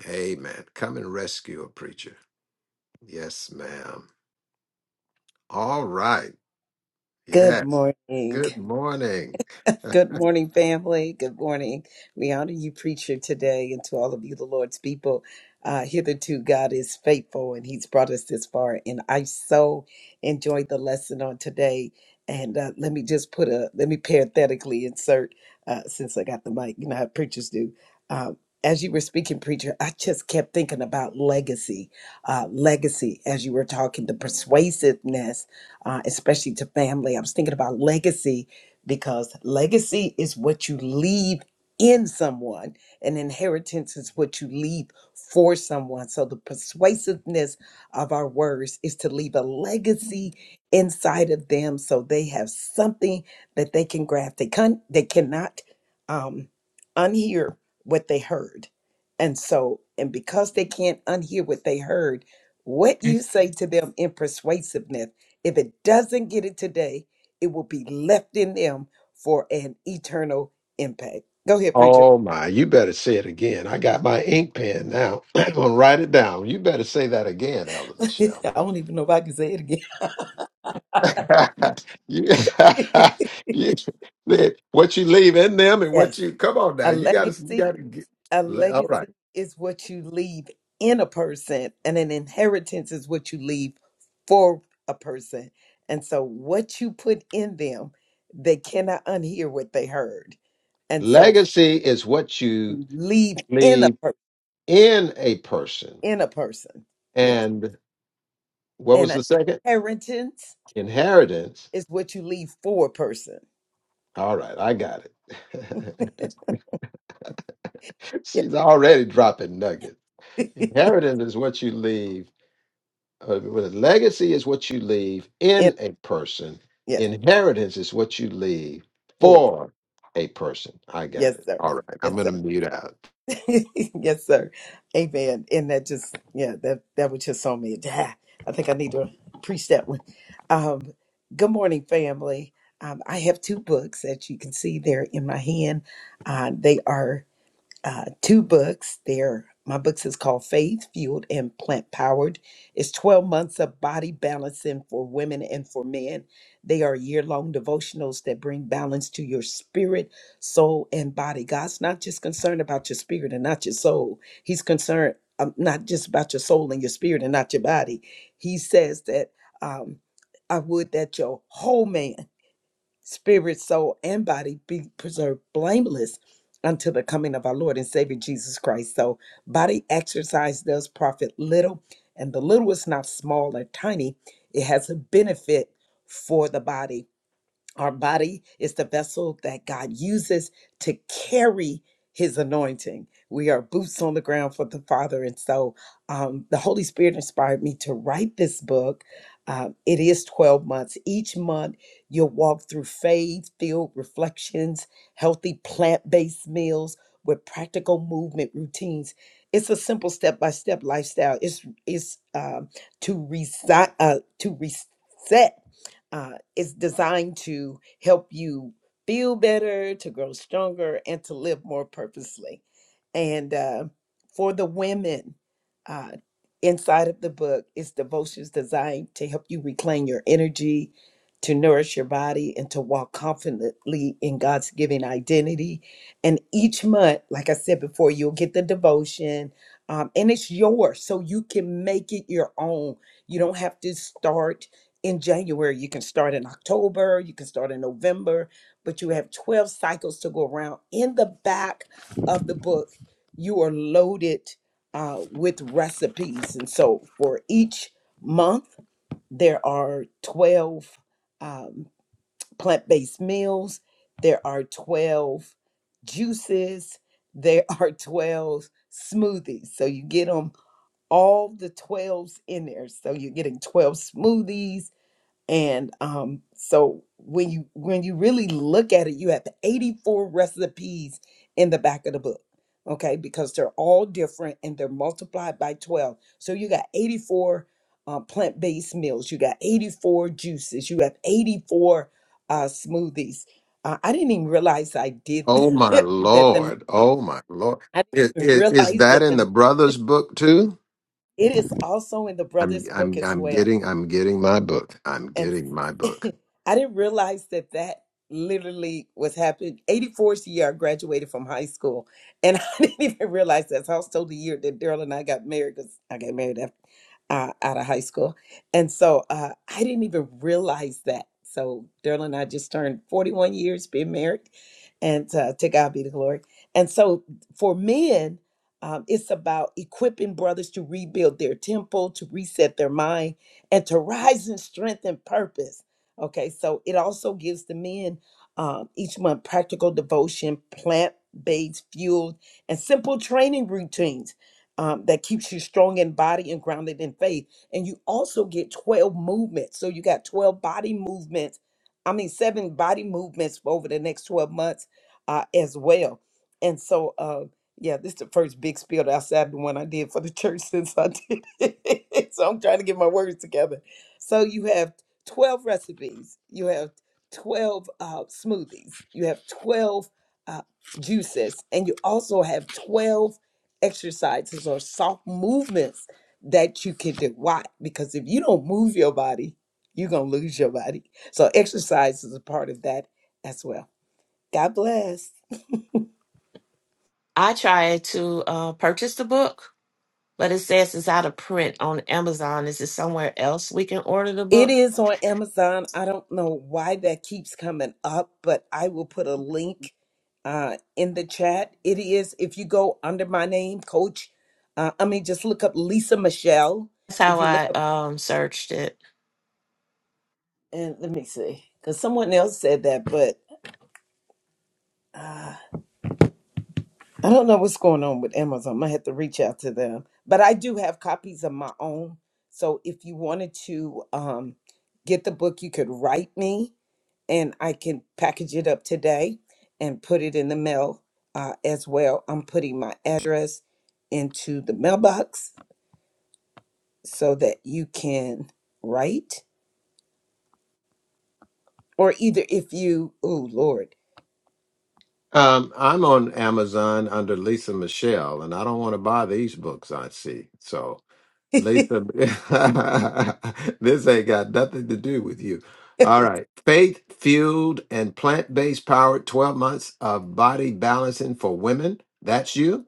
[SPEAKER 3] Amen. Come and rescue a preacher. Yes, ma'am. All right.
[SPEAKER 7] Good
[SPEAKER 3] Yeah.
[SPEAKER 7] morning.
[SPEAKER 3] Good morning.
[SPEAKER 7] Good morning, family. Good morning. We honor you, preacher, today, and to all of you, the Lord's people. Uh, hitherto, God is faithful, and He's brought us this far. And I so enjoyed the lesson on today. And uh, let me just put a let me parenthetically insert, uh, since I got the mic, you know how preachers do. Um, as you were speaking, preacher, I just kept thinking about legacy, uh, legacy. As you were talking, the persuasiveness, uh, especially to family, I was thinking about legacy because legacy is what you leave in someone and inheritance is what you leave for someone so the persuasiveness of our words is to leave a legacy inside of them so they have something that they can grasp they can they cannot um unhear what they heard and so and because they can't unhear what they heard what you say to them in persuasiveness if it doesn't get it today it will be left in them for an eternal impact. Go ahead, preacher.
[SPEAKER 3] Oh my, you better say it again. I got my ink pen now. I'm gonna write it down. You better say that again, Elder
[SPEAKER 7] I
[SPEAKER 3] Michelle.
[SPEAKER 7] don't even know if I can say it again.
[SPEAKER 3] you, you, that- what you leave in them and what
[SPEAKER 7] yes,
[SPEAKER 3] you come on now
[SPEAKER 7] a
[SPEAKER 3] you gotta you
[SPEAKER 7] legacy,
[SPEAKER 3] gotta get
[SPEAKER 7] a
[SPEAKER 3] le- all right
[SPEAKER 7] legacy is what you leave in a person, and an inheritance is what you leave for a person. And so, what you put in them, they cannot unhear what they heard. And so,
[SPEAKER 3] legacy is what you
[SPEAKER 7] you leave in a
[SPEAKER 3] leave
[SPEAKER 7] per-
[SPEAKER 3] in a person
[SPEAKER 7] in a person, yes,
[SPEAKER 3] and what was
[SPEAKER 7] and an
[SPEAKER 3] the second
[SPEAKER 7] inheritance
[SPEAKER 3] inheritance
[SPEAKER 7] is what you leave for a person.
[SPEAKER 3] all right i got it she's already dropping nuggets
[SPEAKER 7] Yeah.
[SPEAKER 3] inheritance is what you leave Uh, well, legacy is what you leave
[SPEAKER 7] yeah.
[SPEAKER 3] in a person.
[SPEAKER 7] Yes,
[SPEAKER 3] Inheritance is what you leave
[SPEAKER 7] for a person.
[SPEAKER 3] for a person. I got
[SPEAKER 7] Yes,
[SPEAKER 3] it.
[SPEAKER 7] sir.
[SPEAKER 3] All right. I'm
[SPEAKER 7] Yes,
[SPEAKER 3] going to
[SPEAKER 7] sir.
[SPEAKER 3] mute out.
[SPEAKER 7] yes, sir. Amen. And that just yeah, that that was just on me. I think I need to preach that one. Um, good morning, family. Um, I have two books that you can see there in my hand. Uh, they are uh, two books. There, my books is called Faith Fueled and Plant Powered. It's 12 months of body balancing for women and for men. They are year-long devotionals that bring balance to your spirit, soul, and body. God's not just concerned about your spirit and not your soul. He's concerned um, not just about your soul and your spirit and not your body. He says that um, I would that your whole man spirit, soul, and body be preserved blameless until the coming of our Lord and Savior Jesus Christ. So, body exercise does profit little, and the little is not small or tiny, it has a benefit for the body. Our body is the vessel that God uses to carry his anointing. We are boots on the ground for the Father. And so um, the Holy Spirit inspired me to write this book. Um, it is 12 months. Each month, you'll walk through faith filled reflections, healthy plant based meals with practical movement routines. It's a simple step by step lifestyle. It's, it's um, to, resi- uh, to reset uh, it's designed to help you feel better, to grow stronger, and to live more purposely. And uh, for the women, uh, inside of the book is devotions designed to help you reclaim your energy, to nourish your body, and to walk confidently in God's given identity. And each month, like I said before, you'll get the devotion. um, and it's yours, so you can make it your own. You don't have to start in January. You can start in October, you can start in November, but you have 12 cycles to go around. In the back of the book, you are loaded uh, with recipes. And so for each month, there are 12 um, plant based meals, there are 12 juices, there are 12 smoothies. So you get them all the 12s in there. So you're getting 12 smoothies and um, so when you when you really look at it, you have 84 recipes in the back of the book. Okay, because they're all different and they're multiplied by 12. So you got 84 uh, plant-based meals. You got 84 juices. You have 84 uh, smoothies. Uh, I didn't even realize I did
[SPEAKER 3] Oh, my
[SPEAKER 7] that. The
[SPEAKER 3] Lord. Oh, my Lord.
[SPEAKER 7] I
[SPEAKER 3] Is,
[SPEAKER 7] didn't even
[SPEAKER 3] is, is
[SPEAKER 7] realize
[SPEAKER 3] that
[SPEAKER 7] that
[SPEAKER 3] in the
[SPEAKER 7] the
[SPEAKER 3] brother's book too?
[SPEAKER 7] it is also in the
[SPEAKER 3] I'm
[SPEAKER 7] brother's book
[SPEAKER 3] I'm
[SPEAKER 7] as
[SPEAKER 3] I'm
[SPEAKER 7] well.
[SPEAKER 3] getting I'm getting my book. I'm
[SPEAKER 7] and
[SPEAKER 3] getting my book.
[SPEAKER 7] I didn't realize that that literally was happening. 84's the year I graduated from high school, and I didn't even realize that's also the year that Daryl and I got married because I got married after, uh, out of high school, and so uh, I didn't even realize that. So Daryl and I just turned 41 years being married, and uh, to God be the glory. And so for men. Um, it's about equipping brothers to rebuild their temple, to reset their mind, and to rise in strength and purpose. Okay, so it also gives the men um, each month practical devotion, plant based fueled, and simple training routines um, that keeps you strong in body and grounded in faith. And you also get 12 movements. So you got 12 body movements, I mean, seven body movements over the next 12 months uh, as well. And so, uh, yeah, this is the first big spiel outside the one I did for the church since I did. so I'm trying to get my words together. So you have 12 recipes, you have 12 uh, smoothies, you have 12 uh, juices, and you also have 12 exercises or soft movements that you can do. Why? Because if you don't move your body, you're going to lose your body. So exercise is a part of that as well. God bless.
[SPEAKER 6] i tried to uh, purchase the book but it says it's out of print on amazon is it somewhere else we can order the
[SPEAKER 7] It
[SPEAKER 6] book
[SPEAKER 7] is on Amazon. I don't know why that keeps coming up, but I will put a link uh, in the chat. It is, if you go under my name, Coach, uh, I mean, just look up Lisa Michelle.
[SPEAKER 6] that's
[SPEAKER 7] If
[SPEAKER 6] how
[SPEAKER 7] you look
[SPEAKER 6] i
[SPEAKER 7] up,
[SPEAKER 6] um searched it
[SPEAKER 7] and let me see, because someone else said that, but uh, I don't know what's going on with Amazon. I might have to reach out to them. But I do have copies of my own. So if you wanted to um, get the book, you could write me and I can package it up today and put it in the mail uh, as well. I'm putting my address into the mailbox so that you can write, or either if you, oh Lord,
[SPEAKER 3] Um, I'm on Amazon under Lisa Michelle, and I don't want to buy these books I see. So Latham, this ain't got nothing to do with you. All right. Faith fueled and plant based powered 12 months of body balancing for women. That's you,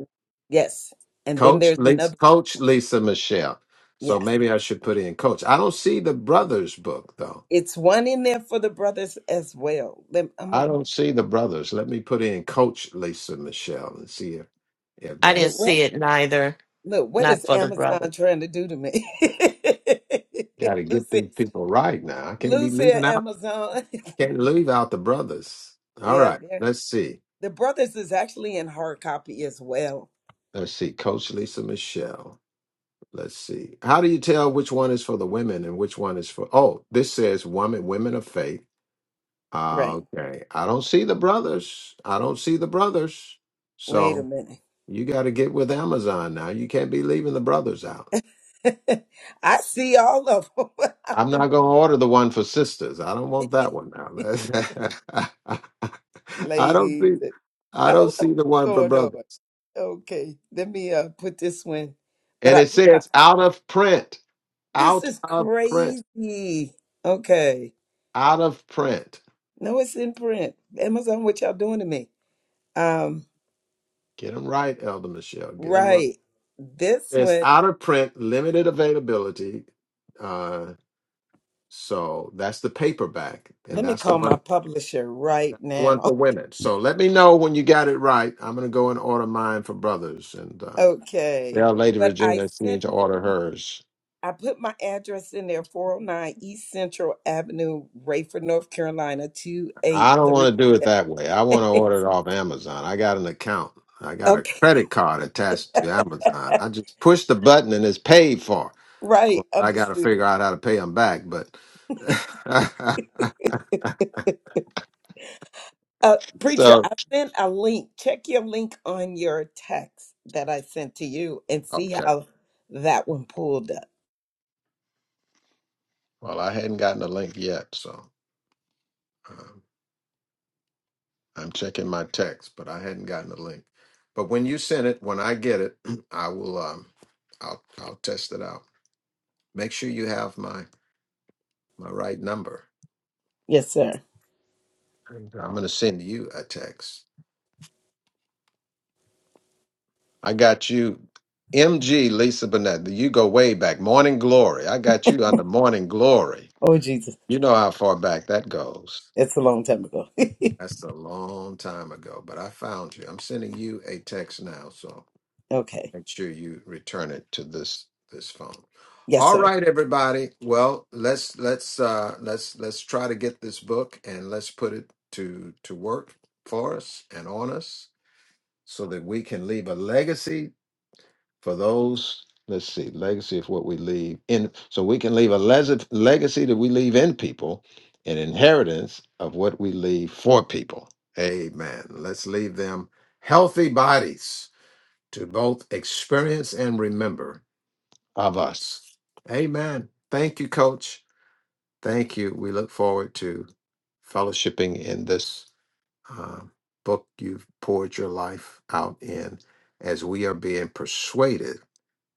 [SPEAKER 7] yes. And then
[SPEAKER 3] Coach
[SPEAKER 7] there's
[SPEAKER 3] Lisa,
[SPEAKER 7] another one.
[SPEAKER 3] Coach Lisa Michelle. So
[SPEAKER 7] Yes,
[SPEAKER 3] maybe I should put in Coach. I don't see the brothers book though.
[SPEAKER 7] it's one in there for the brothers as well. Let, I'm a,
[SPEAKER 3] I don't see the brothers. Let me put in Coach Lisa Michelle and see if, if
[SPEAKER 6] i
[SPEAKER 3] that
[SPEAKER 6] didn't
[SPEAKER 7] look what
[SPEAKER 6] see it neither
[SPEAKER 7] look what
[SPEAKER 6] not
[SPEAKER 7] is
[SPEAKER 6] for the brother
[SPEAKER 7] Amazon trying to do to me,
[SPEAKER 3] got to get these
[SPEAKER 7] Lucy?
[SPEAKER 3] people right now. I can't be
[SPEAKER 7] Lucy,
[SPEAKER 3] leaving
[SPEAKER 7] at
[SPEAKER 3] out,
[SPEAKER 7] Amazon.
[SPEAKER 3] can't leave out the brothers. All
[SPEAKER 7] yeah,
[SPEAKER 3] right. Let's see.
[SPEAKER 7] The Brothers is actually in hard copy as well.
[SPEAKER 3] Let's see, Coach Lisa Michelle. Let's see. How do you tell which one is for the women and which one is for? Oh, this says "woman, women of faith. Ah,
[SPEAKER 7] Right.
[SPEAKER 3] Okay, I don't see the brothers. I don't see the brothers.
[SPEAKER 7] Wait a
[SPEAKER 3] So
[SPEAKER 7] minute.
[SPEAKER 3] you got to get with Amazon now. You can't be leaving the brothers out.
[SPEAKER 7] I see all of
[SPEAKER 3] I'm not
[SPEAKER 7] them.
[SPEAKER 3] going to order the one for sisters. I don't want that one now. I don't
[SPEAKER 7] Ladies,
[SPEAKER 3] see. I
[SPEAKER 7] I
[SPEAKER 3] don't
[SPEAKER 7] don't know
[SPEAKER 3] see the one for
[SPEAKER 7] what's going
[SPEAKER 3] brothers.
[SPEAKER 7] on. Okay, let me uh put this one. But
[SPEAKER 3] And
[SPEAKER 7] I
[SPEAKER 3] it
[SPEAKER 7] put my,
[SPEAKER 3] says out of print.
[SPEAKER 7] this
[SPEAKER 3] Out
[SPEAKER 7] is
[SPEAKER 3] of print.
[SPEAKER 7] crazy. Okay.
[SPEAKER 3] Out of print.
[SPEAKER 7] No, it's in print. Amazon, what y'all doing to me? Um,
[SPEAKER 3] Get them right, Elder Michelle. Get them right.
[SPEAKER 7] right. This
[SPEAKER 3] It's
[SPEAKER 7] one,
[SPEAKER 3] out of print, limited availability. Uh, so that's the paperback, and
[SPEAKER 7] let me
[SPEAKER 3] that's the
[SPEAKER 7] call my
[SPEAKER 3] one
[SPEAKER 7] publisher right
[SPEAKER 3] the one
[SPEAKER 7] now.
[SPEAKER 3] for women. So let me know when you got it right. I'm gonna go and order mine for brothers, and uh,
[SPEAKER 7] Okay.
[SPEAKER 3] tell Lady
[SPEAKER 7] But I
[SPEAKER 3] Regina she
[SPEAKER 7] sent
[SPEAKER 3] needs to order hers.
[SPEAKER 7] I put my address in there, 409 East Central Avenue, Rayford, North Carolina,
[SPEAKER 3] I don't
[SPEAKER 7] 283.
[SPEAKER 3] want to do it that way. I want to order it off Amazon. I got an account. I got a
[SPEAKER 7] okay,
[SPEAKER 3] credit card attached to Amazon. I just push the button and it's paid for.
[SPEAKER 7] right,
[SPEAKER 3] course, I got to figure
[SPEAKER 7] understood.
[SPEAKER 3] out how to pay them back, but
[SPEAKER 7] Uh, preacher,
[SPEAKER 3] so
[SPEAKER 7] I sent a link. Check your link on your text that I sent to you and see
[SPEAKER 3] okay.
[SPEAKER 7] how that one pulled up.
[SPEAKER 3] Well, I hadn't gotten a link yet, so um, I'm checking my text, but I hadn't gotten a link. But when you send it, when I get it, I will. Um, I'll I'll test it out. Make sure you have my my right number.
[SPEAKER 7] Yes, sir.
[SPEAKER 3] And I'm going to send you a text. I got you, MG Lisa Burnett. You go way back. Morning Glory. I got you under Morning Glory.
[SPEAKER 7] Oh, Jesus.
[SPEAKER 3] You know how far back that goes.
[SPEAKER 7] It's a long time ago.
[SPEAKER 3] That's a long time ago, but I found you. I'm sending you a text now, so
[SPEAKER 7] okay.
[SPEAKER 3] make sure you return it to this this phone.
[SPEAKER 7] Yes,
[SPEAKER 3] All
[SPEAKER 7] sir.
[SPEAKER 3] right, everybody. Well, let's let's uh let's let's try to get this book and let's put it to to work for us and on us so that we can leave a legacy for those let's see legacy of what we leave in so we can leave a les- legacy that we leave in people an inheritance of what we leave for people amen let's leave them healthy bodies to both experience and remember of us amen thank you coach thank you we look forward to fellowshipping in this uh, book you've poured your life out in as we are being persuaded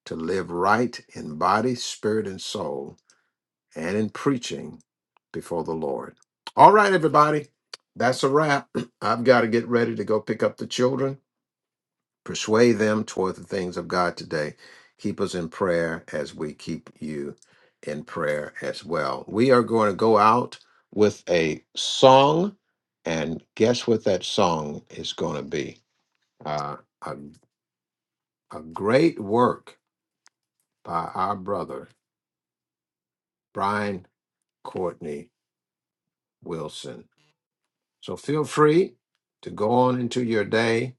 [SPEAKER 3] to live right in body, spirit, and soul, and in preaching before the Lord. All right, everybody, that's a wrap. I've got to get ready to go pick up the children, persuade them toward the things of God today. Keep us in prayer as we keep you in prayer as well. We are going to go out with a song, and guess what that song is going to be? Uh, a, a great work by our brother, Brian Courtney Wilson. So feel free to go on into your day.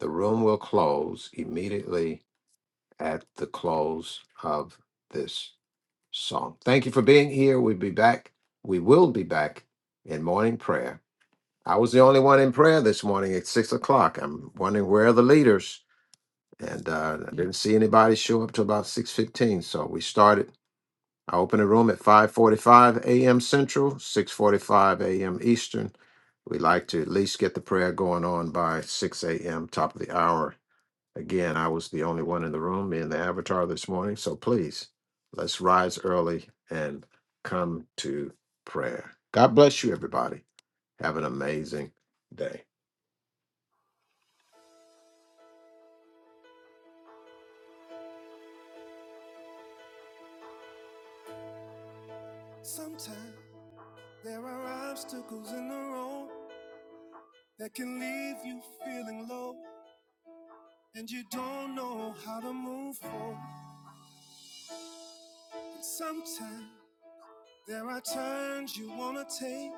[SPEAKER 3] The room will close immediately at the close of this song. Thank you for being here. We'll be back. We will be back in morning prayer. I was the only one in prayer this morning at six o'clock. I'm wondering where are the leaders, and uh, I didn't see anybody show up till about six fifteen. So we started. I open the room at 5:45 a.m. Central, 6:45 a.m. Eastern. We like to at least get the prayer going on by 6 a.m. top of the hour. Again, I was the only one in the room, me and the avatar this morning. So please, let's rise early and come to prayer. God bless you, everybody. Have an amazing day.
[SPEAKER 4] sometimes. Sometimes there are obstacles in the road that can leave you feeling low and you don't know how to move forward. sometimes there are turns you wanna take,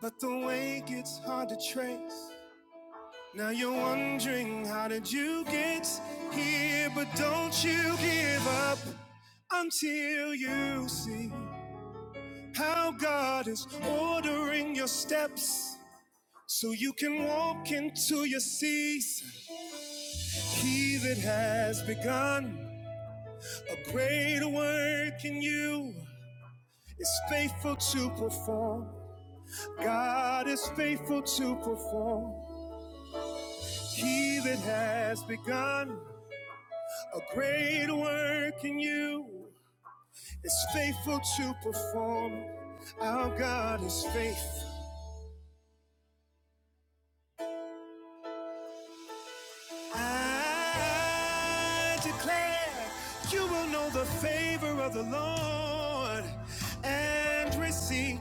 [SPEAKER 4] but the way gets hard to trace. Now you're wondering how did you get here, but don't you give up until you see. How God is ordering your steps so you can walk into your season. He that has begun a greater work in you is faithful to perform. God is faithful to perform. He that has begun a greater work in you is faithful to perform. Our God is faithful. I declare you will know the favor of the Lord and receive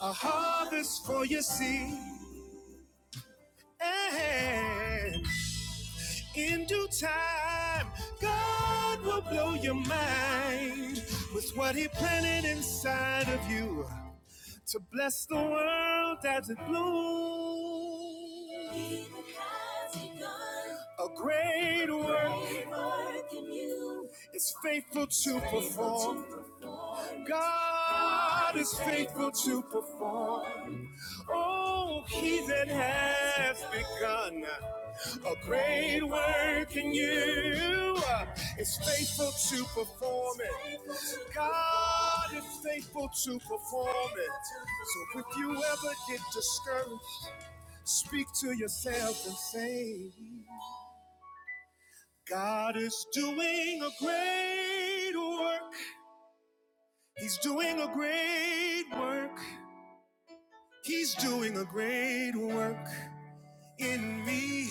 [SPEAKER 4] a harvest for your seed. And in due time, God will blow your mind with what He planted inside of you. to bless the world as it blooms. Even has begun A great work, great work in you is faithful to perform. God is faithful to perform. Oh, he that has begun a great work in you is faithful to perform it. God is faithful to perform it. So if you ever get discouraged, speak to yourself and say, God is doing a great work. He's doing a great work. He's doing a great work in me.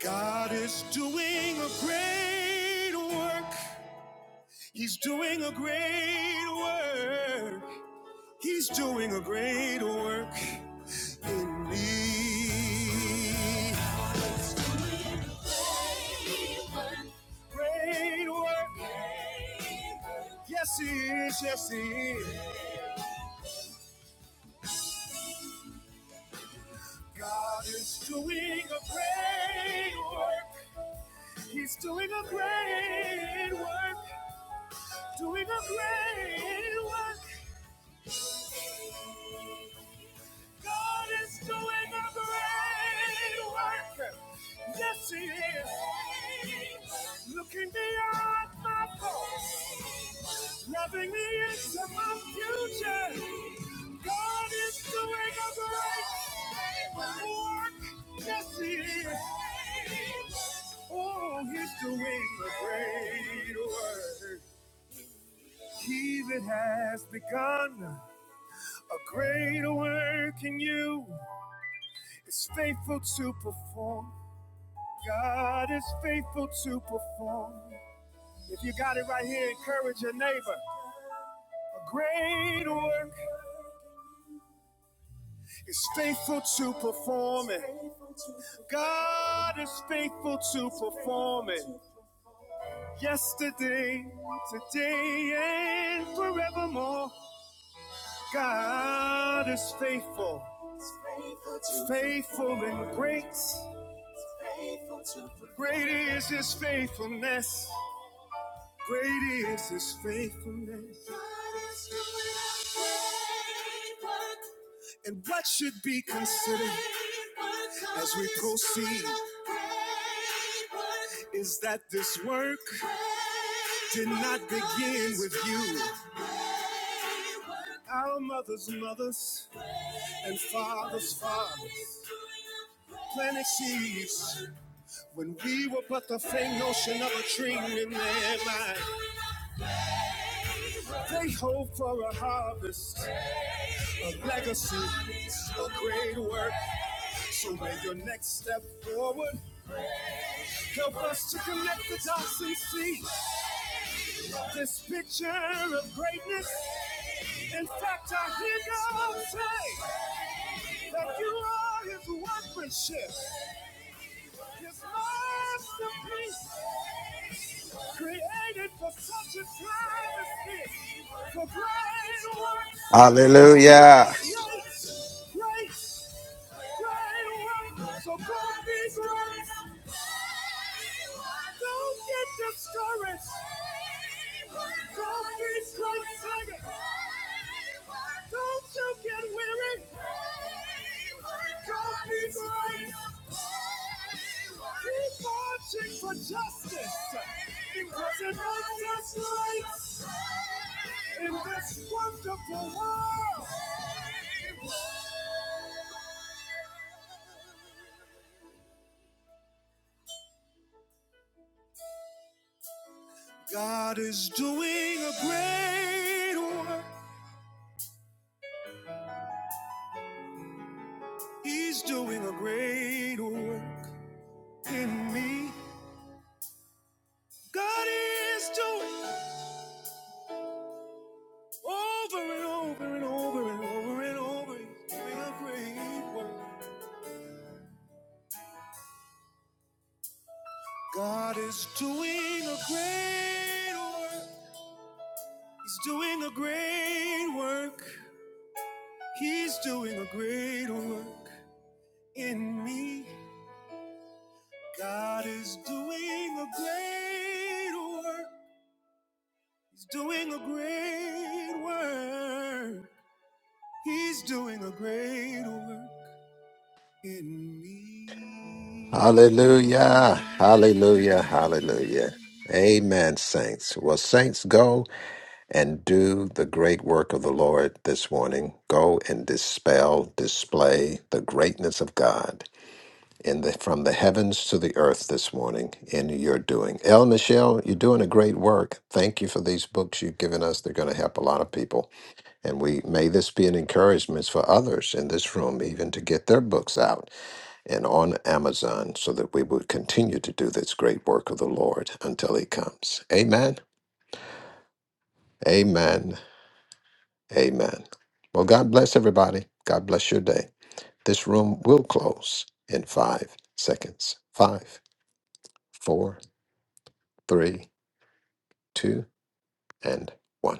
[SPEAKER 4] God is doing a great work. He's doing a great work. He's doing a great work in me. Great work. great work. Yes, he is. Yes, he is. God is doing a great work. He's doing a great work. Doing a great work. God is doing a great work. Yes, He is. Looking beyond my past, loving me into my future. God is doing a great work. Yes, He is. Oh, He's doing a great work. He that has begun a great work in you. is faithful to perform. God is faithful to perform. If you got it right here, encourage your neighbor. A great work is faithful to perform it. God is faithful to perform it. Yesterday, today, and forevermore. God is faithful. He's faithful and great. Great is his faithfulness. Great is his faithfulness. And what should be considered as we proceed is that this work did not begin with you. Our mothers' mothers. and fathers' fathers planted seeds when we were but the faint notion of a dream in their mind. They hope for a harvest, a legacy, a great work. So may your next step forward help us to connect the dots and see this picture of greatness. In fact, I hear God say that you are His workmanship. His masterpiece, created for such a time as this, for great works
[SPEAKER 3] Hallelujah.
[SPEAKER 4] of grace, grace Great work. So God is right. Don't get discouraged. God is right. Don't you get weary. God is right. Keep marching for justice. Because it makes us right in this wonderful world. God is doing a great work. He's doing a great work in me. God is doing over and over and over and over and over. He's doing a great work. God is doing a great work. He's doing a great work. He's doing a great work in me. God is doing a great work. He's doing a great work. He's doing a great work in me.
[SPEAKER 3] Hallelujah. Hallelujah. Hallelujah. Amen, saints. Well, saints, go. and do the great work of the Lord this morning. Go and dispel, display the greatness of God in the from the heavens to the earth this morning in your doing. El Michelle, you're doing a great work. Thank you for these books you've given us. They're going to help a lot of people. And we may this be an encouragement for others in this room even to get their books out and on Amazon so that we would continue to do this great work of the Lord until he comes. Amen. Amen. Amen. Well, God bless everybody. God bless your day. This room will close in five seconds. Five, four, three, two, and one.